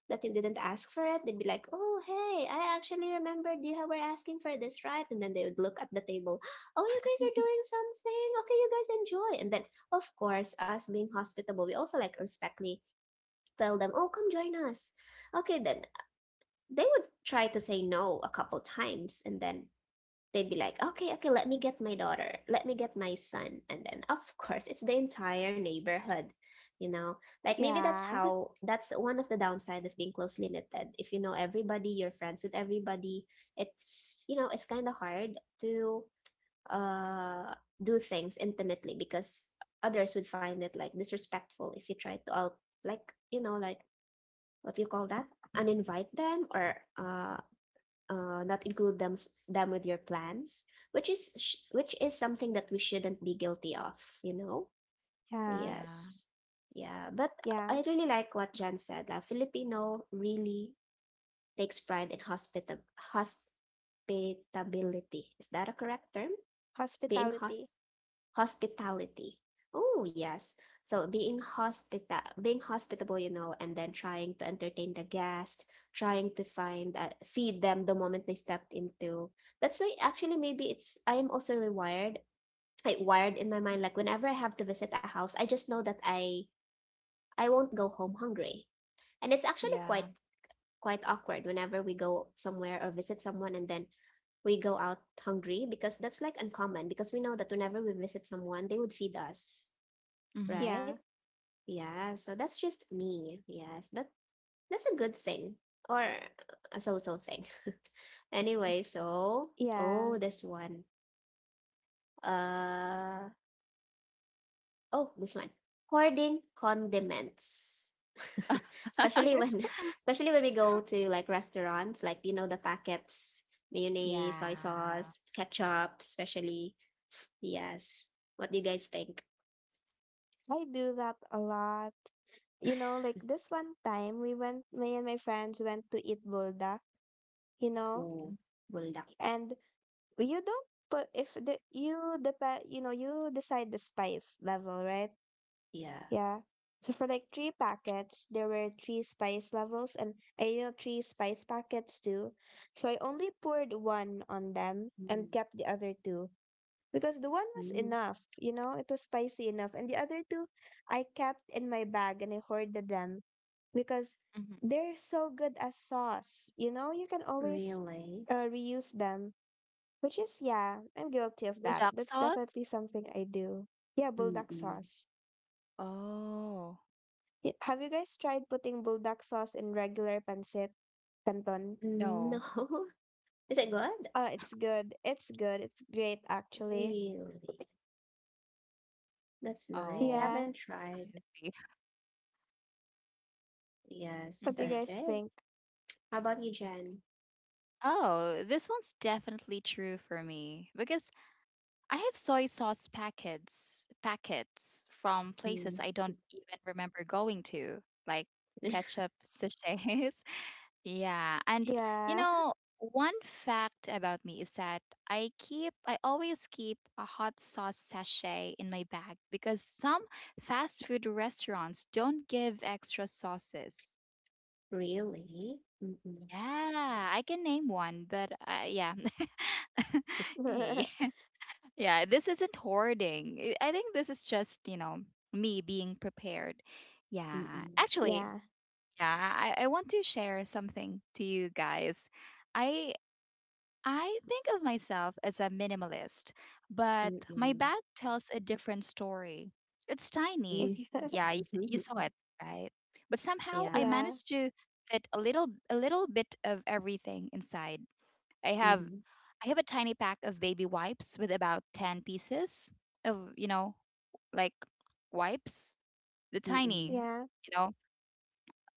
that you didn't ask for it, they'd be like, "Oh, hey, I actually remembered you were asking for this," right? And then they would look at the table, "Oh, you guys are doing something. Okay, you guys enjoy." And then, of course, us being hospitable, we also like respectfully tell them, "Oh, come join us." Okay, then they would try to say no a couple times, and then they'd be like, okay, okay, let me get my daughter, let me get my son, and then of course it's the entire neighborhood, you know, like, maybe Yeah. That's one of the downside of being closely knitted. If you know everybody, you're friends with everybody, it's, you know, it's kind of hard to uh do things intimately, because others would find it like disrespectful if you try to, out, like, you know, like, what do you call that, uninvite them, or not include them with your plans, which is something that we shouldn't be guilty of. Yeah. yeah. Yes, yeah. But Yeah. I really like what Jan said. Filipino really takes pride in hospitability. Is that a correct term? Being hosp Hospitality. Hospitality. Oh, yes. So being hospitable, you know, and then trying to entertain the guest, trying to find feed them the moment they stepped into. That's why actually maybe it's I am also rewired, like wired in my mind. Like whenever I have to visit a house, I just know that I won't go home hungry, and it's actually quite Yeah. quite awkward whenever we go somewhere or visit someone and then we go out hungry, because that's like uncommon, because we know that whenever we visit someone they would feed us, Mm-hmm. right? Yeah, Yeah, so that's just me. Yes, but that's a good thing, or a so-so thing. <laughs> Anyway, so yeah. oh, this one. Uh oh, this one. Hoarding condiments. <laughs> Especially when <laughs> <laughs> especially when we go to, like, restaurants, like, you know, the packets, mayonnaise, soy Yeah. sauce, ketchup, especially. <sighs> Yes. What do you guys think? I do that a lot. You know, like this one time we went, me and my friends went to eat bulda, you know, Oh, buldak. and you don't put if the you depend, you know, you decide the spice level, right? Yeah. Yeah. So for like three packets, there were three spice levels, and I know three spice packets too. So I only poured one on them and Mm. kept the other two. Because the one was Mm. enough, you know, it was spicy enough. And the other two, I kept in my bag and I hoarded them because Mm-hmm. they're so good as sauce. You know, you can always Really? Reuse them, which is, yeah, I'm guilty of Well, that. dark That's sauce? definitely something I do. Yeah, bulldog Mm-mm. sauce. Oh, Have you guys tried putting bulldog sauce in regular pancit canton? No. No. <laughs> Is it good? It's good. It's good. It's great, actually. Really? That's nice. I Oh. Yeah. haven't tried. see. Yes. What do you Mm-hmm. guys Okay. think? How about you, Jen? Oh, this one's definitely true for me because I have soy sauce packets from Mm. places I don't even remember going to, like <laughs> ketchup sachets. Yeah, and you Yeah. know, One fact about me is that I always keep a hot sauce sachet in my bag because some fast food restaurants don't give extra sauces. Really? Mm-mm. Yeah, I can name one, but yeah. <laughs> Yeah, <laughs> yeah, this isn't hoarding. I think this is just me being prepared. Yeah, Mm-mm. actually, yeah. yeah, I want to share something to you guys. I I think of myself as a minimalist, but my Mm-mm. bag tells a different story. It's tiny. Mm. Yeah, <laughs> you saw <laughs> it, right? But somehow I Yeah. Yeah, managed to fit a little bit of everything inside. I have Mm-hmm. I have a tiny pack of baby wipes with about 10 pieces of, you know, like wipes. The tiny, Mm-mm. yeah. you know,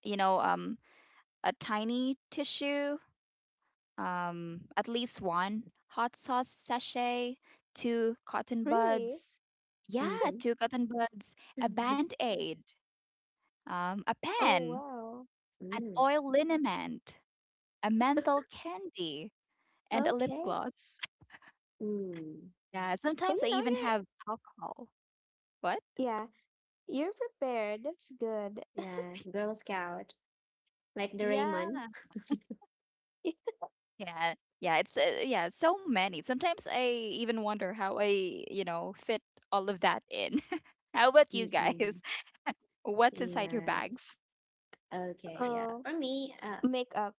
you know, A tiny tissue, at least one hot sauce sachet, two cotton Really? buds. Yeah, Mm-hmm. two cotton buds, a band <laughs> aid, a Oh, pen, wow. an Mm. oil liniment, a menthol candy, and a lip Okay. gloss. <laughs> Mm. Yeah, Well, sometimes I you know, even you're, have alcohol. What? yeah, you're prepared. That's good. Yeah. Girl Scout. Like the Raymond. Yeah, <laughs> yeah, yeah. It's yeah, so many. Sometimes I even wonder how I fit all of that in. <laughs> How about <laughs> you guys? Mm-mm. <laughs> What's inside your Yes. bags? Okay. Yeah. Oh, For me, makeup.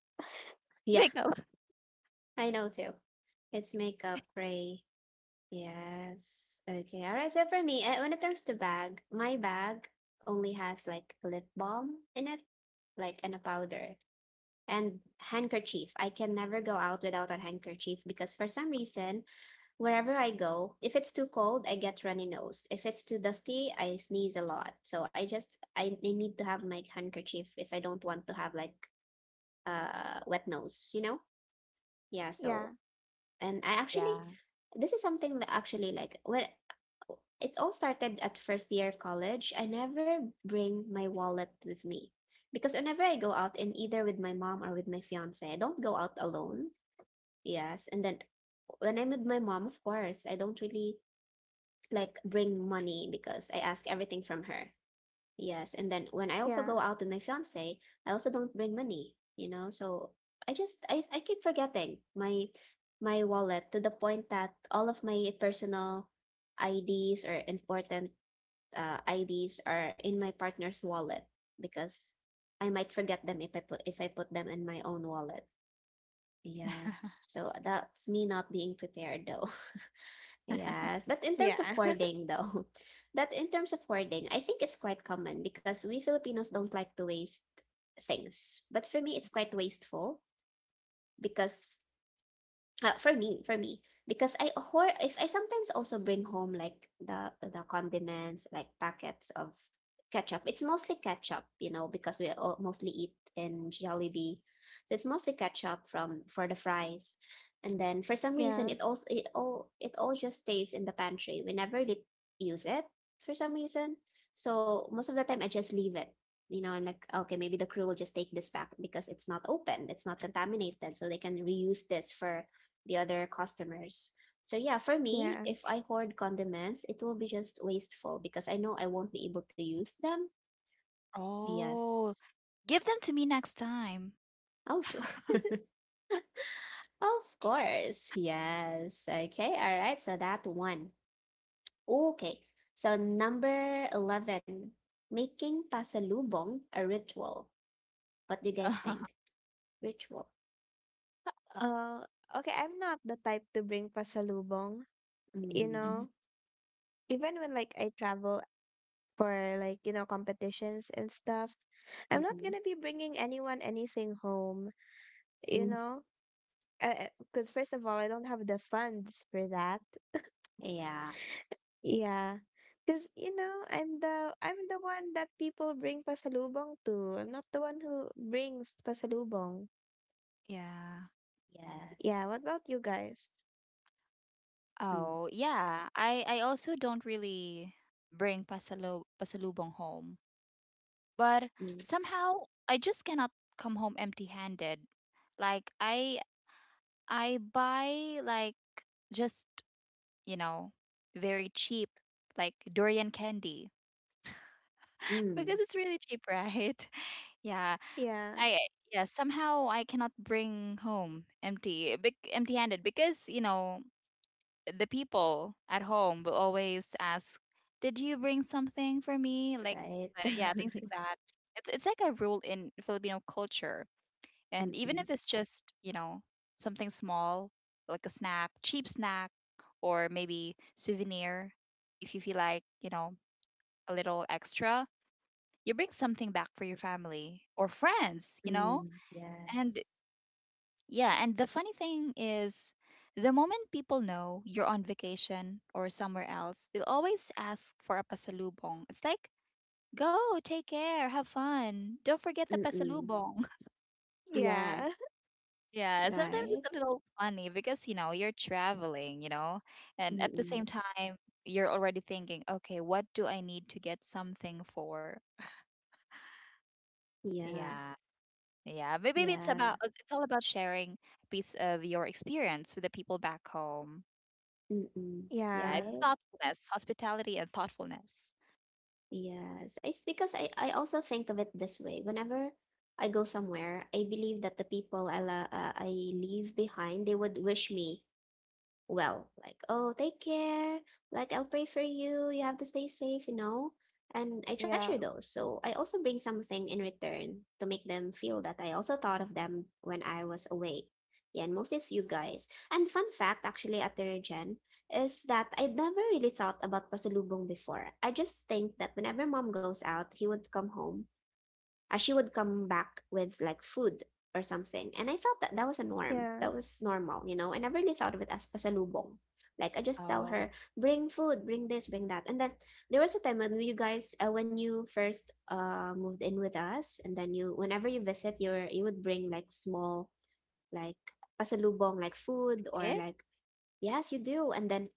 <laughs> yeah. Makeup. I know too. It's makeup, Gray. Yes. Okay. All right. So for me, when it comes to bag, my bag only has like lip balm in it, like, and a powder and handkerchief. I can never go out without a handkerchief because for some reason, wherever I go, if it's too cold, I get runny nose. If it's too dusty, I sneeze a lot. So I need to have my handkerchief if I don't want to have like wet nose, you know? Yeah, so Yeah, and I actually, Yeah. this is something that actually, like, when it all started at first year of college, I never bring my wallet with me, because whenever I go out and either with my mom or with my fiance, I don't go out alone. Yes, and then when I'm with my mom, of course, I don't really like bring money because I ask everything from her. Yes, and then when I also go yeah, out with my fiance, I also don't bring money. So I just I keep forgetting my wallet, to the point that all of my personal IDs or important IDs are in my partner's wallet because I might forget them if I put them in my own wallet. Yes. So that's me not being prepared though. Yes, but in yeah, terms of <laughs> hoarding, though, <laughs> that in terms of hoarding, I think it's quite common because we Filipinos don't like to waste things. But for me, it's quite wasteful because for me, because I, or if I sometimes also bring home like the condiments, like packets of ketchup. It's mostly ketchup, you know, because we all mostly eat in Jollibee, so it's mostly ketchup from for the fries. And then for some reason, yeah, it also it all just stays in the pantry. We never really use it for some reason. So most of the time, I just leave it. You know, I'm like, okay, maybe the crew will just take this back because it's not open, it's not contaminated, so they can reuse this for the other customers. So yeah, for me, yeah. if I hoard condiments, it will be just wasteful because I know I won't be able to use them. Oh, Yes. give them to me next time. Oh, sure. <laughs> <laughs> Of course. Yes. Okay. All right. So that one. Okay. So number 11, making pasalubong a ritual. What do you guys think? Ritual. Uh, okay, I'm not the type to bring pasalubong, you Mm. Mhm. know, even when like I travel for like, you know, competitions and stuff, I'm not Mm-hmm. gonna be bringing anyone anything home, you Mm. know, because first of all, I don't have the funds for that. Yeah. Yeah, because you know, I'm the one that people bring pasalubong to. I'm not the one who brings pasalubong. Yeah. Yeah, Yes. what about you guys? Mm. Oh, yeah. I also don't really bring pasalo pasalubong home, but Mm. somehow I just cannot come home empty-handed. Like I I buy like just, you know, very cheap like durian candy <laughs> Mm. because it's really cheap, right? <laughs> Yeah, Yeah, I yeah, somehow I cannot bring home empty-handed because, you know, the people at home will always ask, "Did you bring something for me?" Like Right. Yeah, things like <laughs> that. It's like a rule in Filipino culture. And even Mm-mm. if it's just, you know, something small, like a snack, cheap snack or maybe souvenir, if you feel like, you know, a little extra, you bring something back for your family or friends, you know? Mm, And yes. Yeah, and the funny thing is, the moment people know you're on vacation or somewhere else, they'll always ask for a pasalubong. It's like, go, take care, have fun. Don't forget the Mm-mm. pasalubong. <laughs> Yeah, yeah, Yeah, sometimes it's right? a little funny because, you know, you're traveling, you know, and at the same Mm-mm. time, you're already thinking, okay, what do I need to get something for? Yeah, Yeah. Yeah, but maybe yeah. It's all about sharing a piece of your experience with the people back home. Mm-mm. <laughs> Yeah, yeah, it's Right? thoughtfulness, hospitality, and thoughtfulness. Yes. It's because I also think of it this way. Whenever I go somewhere, I believe that the people I leave behind, they would wish me well, like, oh, take care, like, I'll pray for you, you have to stay safe, you know, and I treasure yeah, those, so I also bring something in return to make them feel that I also thought of them when I was away. Yeah, and most it's you guys. And fun fact actually at the gen is that I never really thought about pasalubong before. I just think that whenever mom goes out, he would come home, she would come back with like food or something. And I thought that that was a norm. yeah. That was normal, you know. I never really thought of it as pasalubong. Like, I just tell Oh, her, bring food, bring this, bring that. And then there was a time when you guys, when you first moved in with us, and then you, whenever you visit, you would bring like small, like, pasalubong, like food or did? like, yes, you do. And then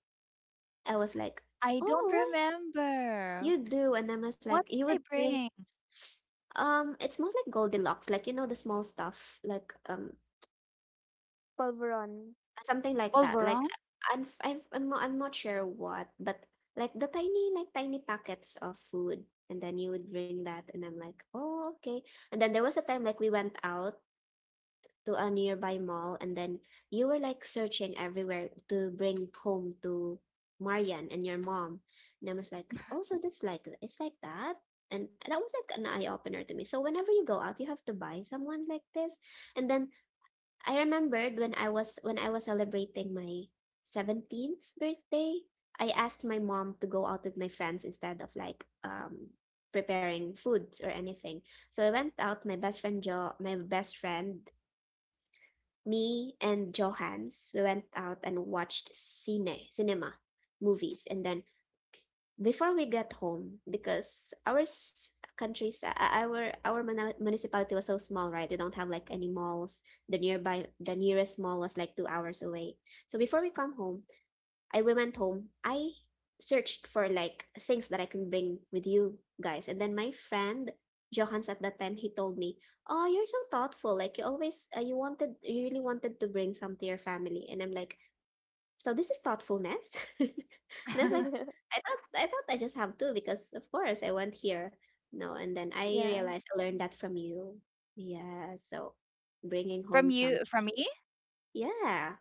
I was like, I don't oh, remember. you do. And I was like, What you did would I bring bring? It's more like Goldilocks, like, you know, the small stuff, like, Polvoron. something like that. Like, Polvoron? I'm f- I've, I'm not sure what, but like the tiny, like, tiny packets of food, and then you would bring that, and I'm like, oh, okay. And then there was a time like we went out to a nearby mall, and then you were like searching everywhere to bring home to Marian and your mom. And I was like, oh, so that's like, it's like that. And that was like an eye opener to me. So whenever you go out, you have to buy someone like this. And then I remembered when I was celebrating my 17th birthday, I asked my mom to go out with my friends instead of like preparing foods or anything. So I went out, my best friend me and Johannes, we went out and watched cinema movies, and then before we got home, because our s- countries our muna- municipality was so small, right, we don't have like any malls, the nearest mall was like 2 hours away, so before we come home, I went home. I searched for like things that I can bring with you guys. And then my friend Johans at that time, he told me, "Oh, you're so thoughtful. Like you always, you really wanted to bring some to your family." And I'm like, "So this is thoughtfulness?" <laughs> And I was like, <laughs> <laughs> " I thought I just have to because of course I went here." No, and then I Yeah, realized I learned that from you. Yeah. So bringing home From you, something. from me? Yeah.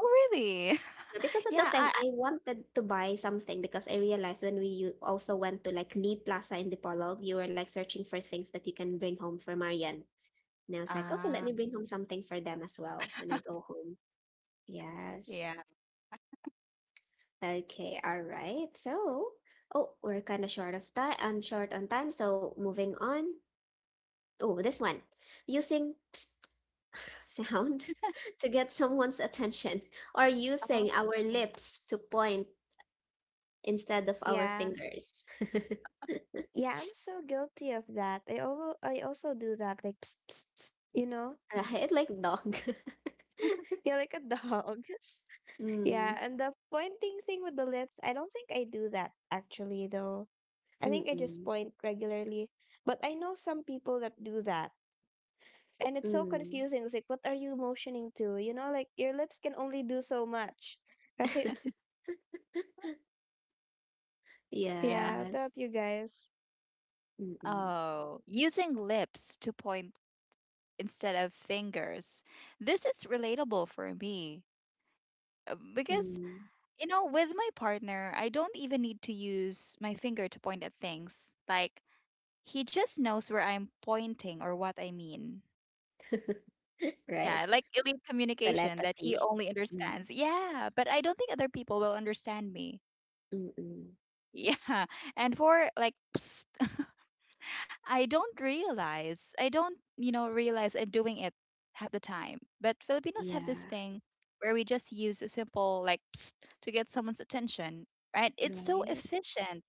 Oh, really? Yeah, because <laughs> at Yeah, that time I. I wanted to buy something because I realized when also went to like Lee Plaza in Dipolog, you were like searching for things that you can bring home for Marian. And I was like, okay, let Ah, me bring home something for them as well when I go home. Yes. yeah. Okay, all right. So, oh, we're kind of short on time, so moving on. Oh, this one. Using psst <laughs> sound <laughs> to get someone's attention or using Oh. our lips to point instead of our yeah, fingers. <laughs> yeah. I'm so guilty of that. I also do that. Like, psst, psst, psst, you know, Mm. Right? Like dog. <laughs> yeah, like a dog. <laughs> Yeah, Mm. and the pointing thing with the lips. I don't think I do that actually, though. I think I just Mm-mm. point regularly. But I know some people that do that. And it's so Mm. confusing. It's like, what are you motioning to? You know, like your lips can only do so much, <laughs> right? <laughs> Yeah. Yeah, Yes. don't you guys? Mm-mm. Oh, using lips to point instead of fingers. This is relatable for me because, Mm. you know, with my partner, I don't even need to use my finger to point at things. Like, he just knows where I'm pointing or what I mean. <laughs> Right. Yeah, like elite communication that he Telepathy. only Mm. understands. Yeah, but I don't think other people will understand me. Mm-mm. Yeah. <laughs> And for like, psst, I don't, you know, realize I'm doing it half the time. But Filipinos have this Yeah. thing where we just use a simple like psst to get someone's attention, right? It's so Right. efficient.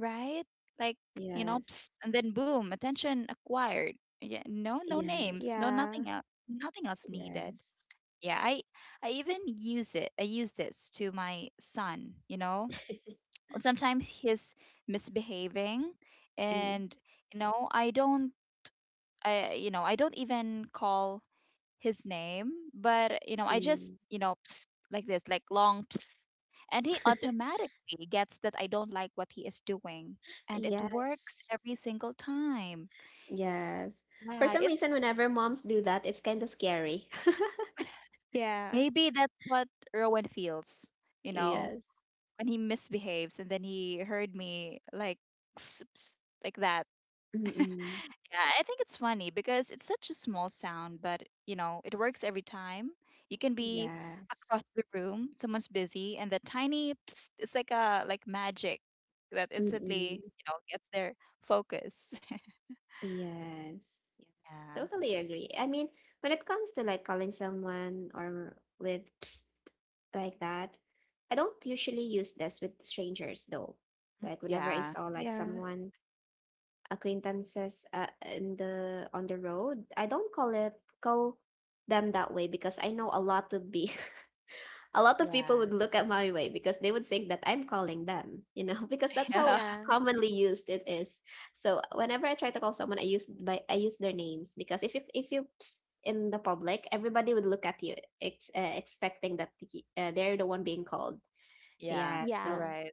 Right? Like, you know, Yes. psst, and then boom, attention acquired. Yeah, no, no names, Yes. no Yeah, nothing else, nothing else needed. Yes. Yeah, I even use it. I use this to my son. You know, <laughs> sometimes he's misbehaving, Mm, and you know, I don't, I, you know, I don't even call his name, but you know, I just, mm. you know, psst, like this, like long and he automatically gets that I don't like what he is doing. And it works Yes. every single time. Yes. For Yeah, some it's reason, whenever moms do that, it's kind of scary. <laughs> yeah, maybe that's what Rowan feels, you know, Yes. when he misbehaves and then he heard me like s- s- like that. Mm-mm. Yeah, I think it's funny because it's such a small sound, but you know, it works every time. You can be Yes. across the room, someone's busy, and that tiny psst, it's like a like magic that Mm-mm. instantly, you know, gets their focus. <laughs> Yes. Yeah. Yeah. Totally agree. I mean, when it comes to like calling someone or with psst, like that, I don't usually use this with strangers though. Like whenever I Yeah. saw like yeah, someone acquaintances in the on the road, I don't call them that way because I know a lot of people Yeah. <laughs> would look at my way because they would think that I'm calling them, you know, <laughs> because that's Yeah. how yeah, commonly used it is. So whenever I try to call someone, I use their names, because if in the public, everybody would look at you, expecting that they're the one being called. Yeah. Yeah, You're so yeah, right.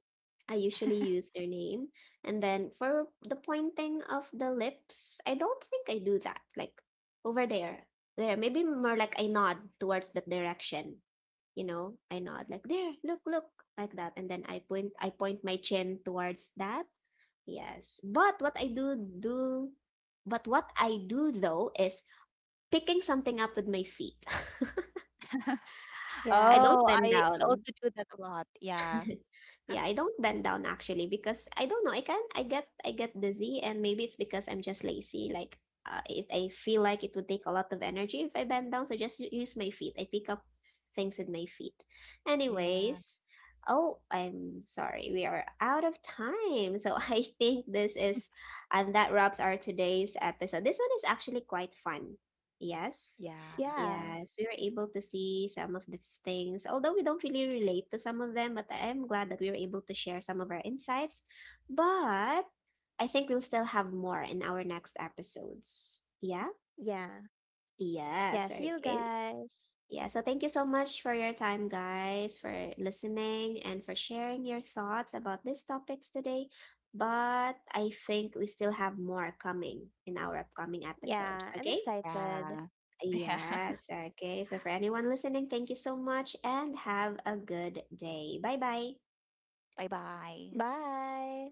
I usually use their name. And then for the pointing of the lips, I don't think I do that. Like, over there. There, maybe more like I nod towards that direction, you know, I nod like there, look, look, like that, and then I point my chin towards that. Yes. But what I do though is picking something up with my feet. <laughs> <laughs> I yeah, don't Oh, bend I down. also do that a lot. Yeah. <laughs> Yeah, I don't bend down actually because I don't know. I get dizzy, and maybe it's because I'm just lazy. Like, if I feel like it would take a lot of energy if I bend down, so just use my feet. I pick up things with my feet. Yeah. Anyways, oh, I'm sorry. We are out of time. So <laughs> I think this is and that wraps our today's episode. This one is actually quite fun. Yes. Yeah. yeah, Yes, we were able to see some of these things, although we don't really relate to some of them, but I'm glad that we were able to share some of our insights. But I think we'll still have more in our next episodes. Yeah? yeah, yeah. Yes, See you okay. guys. Yeah, so thank you so much for your time, guys, for listening and for sharing your thoughts about these topics today. But I think we still have more coming in our upcoming episode, Yeah, I'm okay? excited. Yeah. <laughs> Yeah. Yes. Okay. So, for anyone listening, thank you so much and have a good day. Bye bye. Bye-bye. Bye.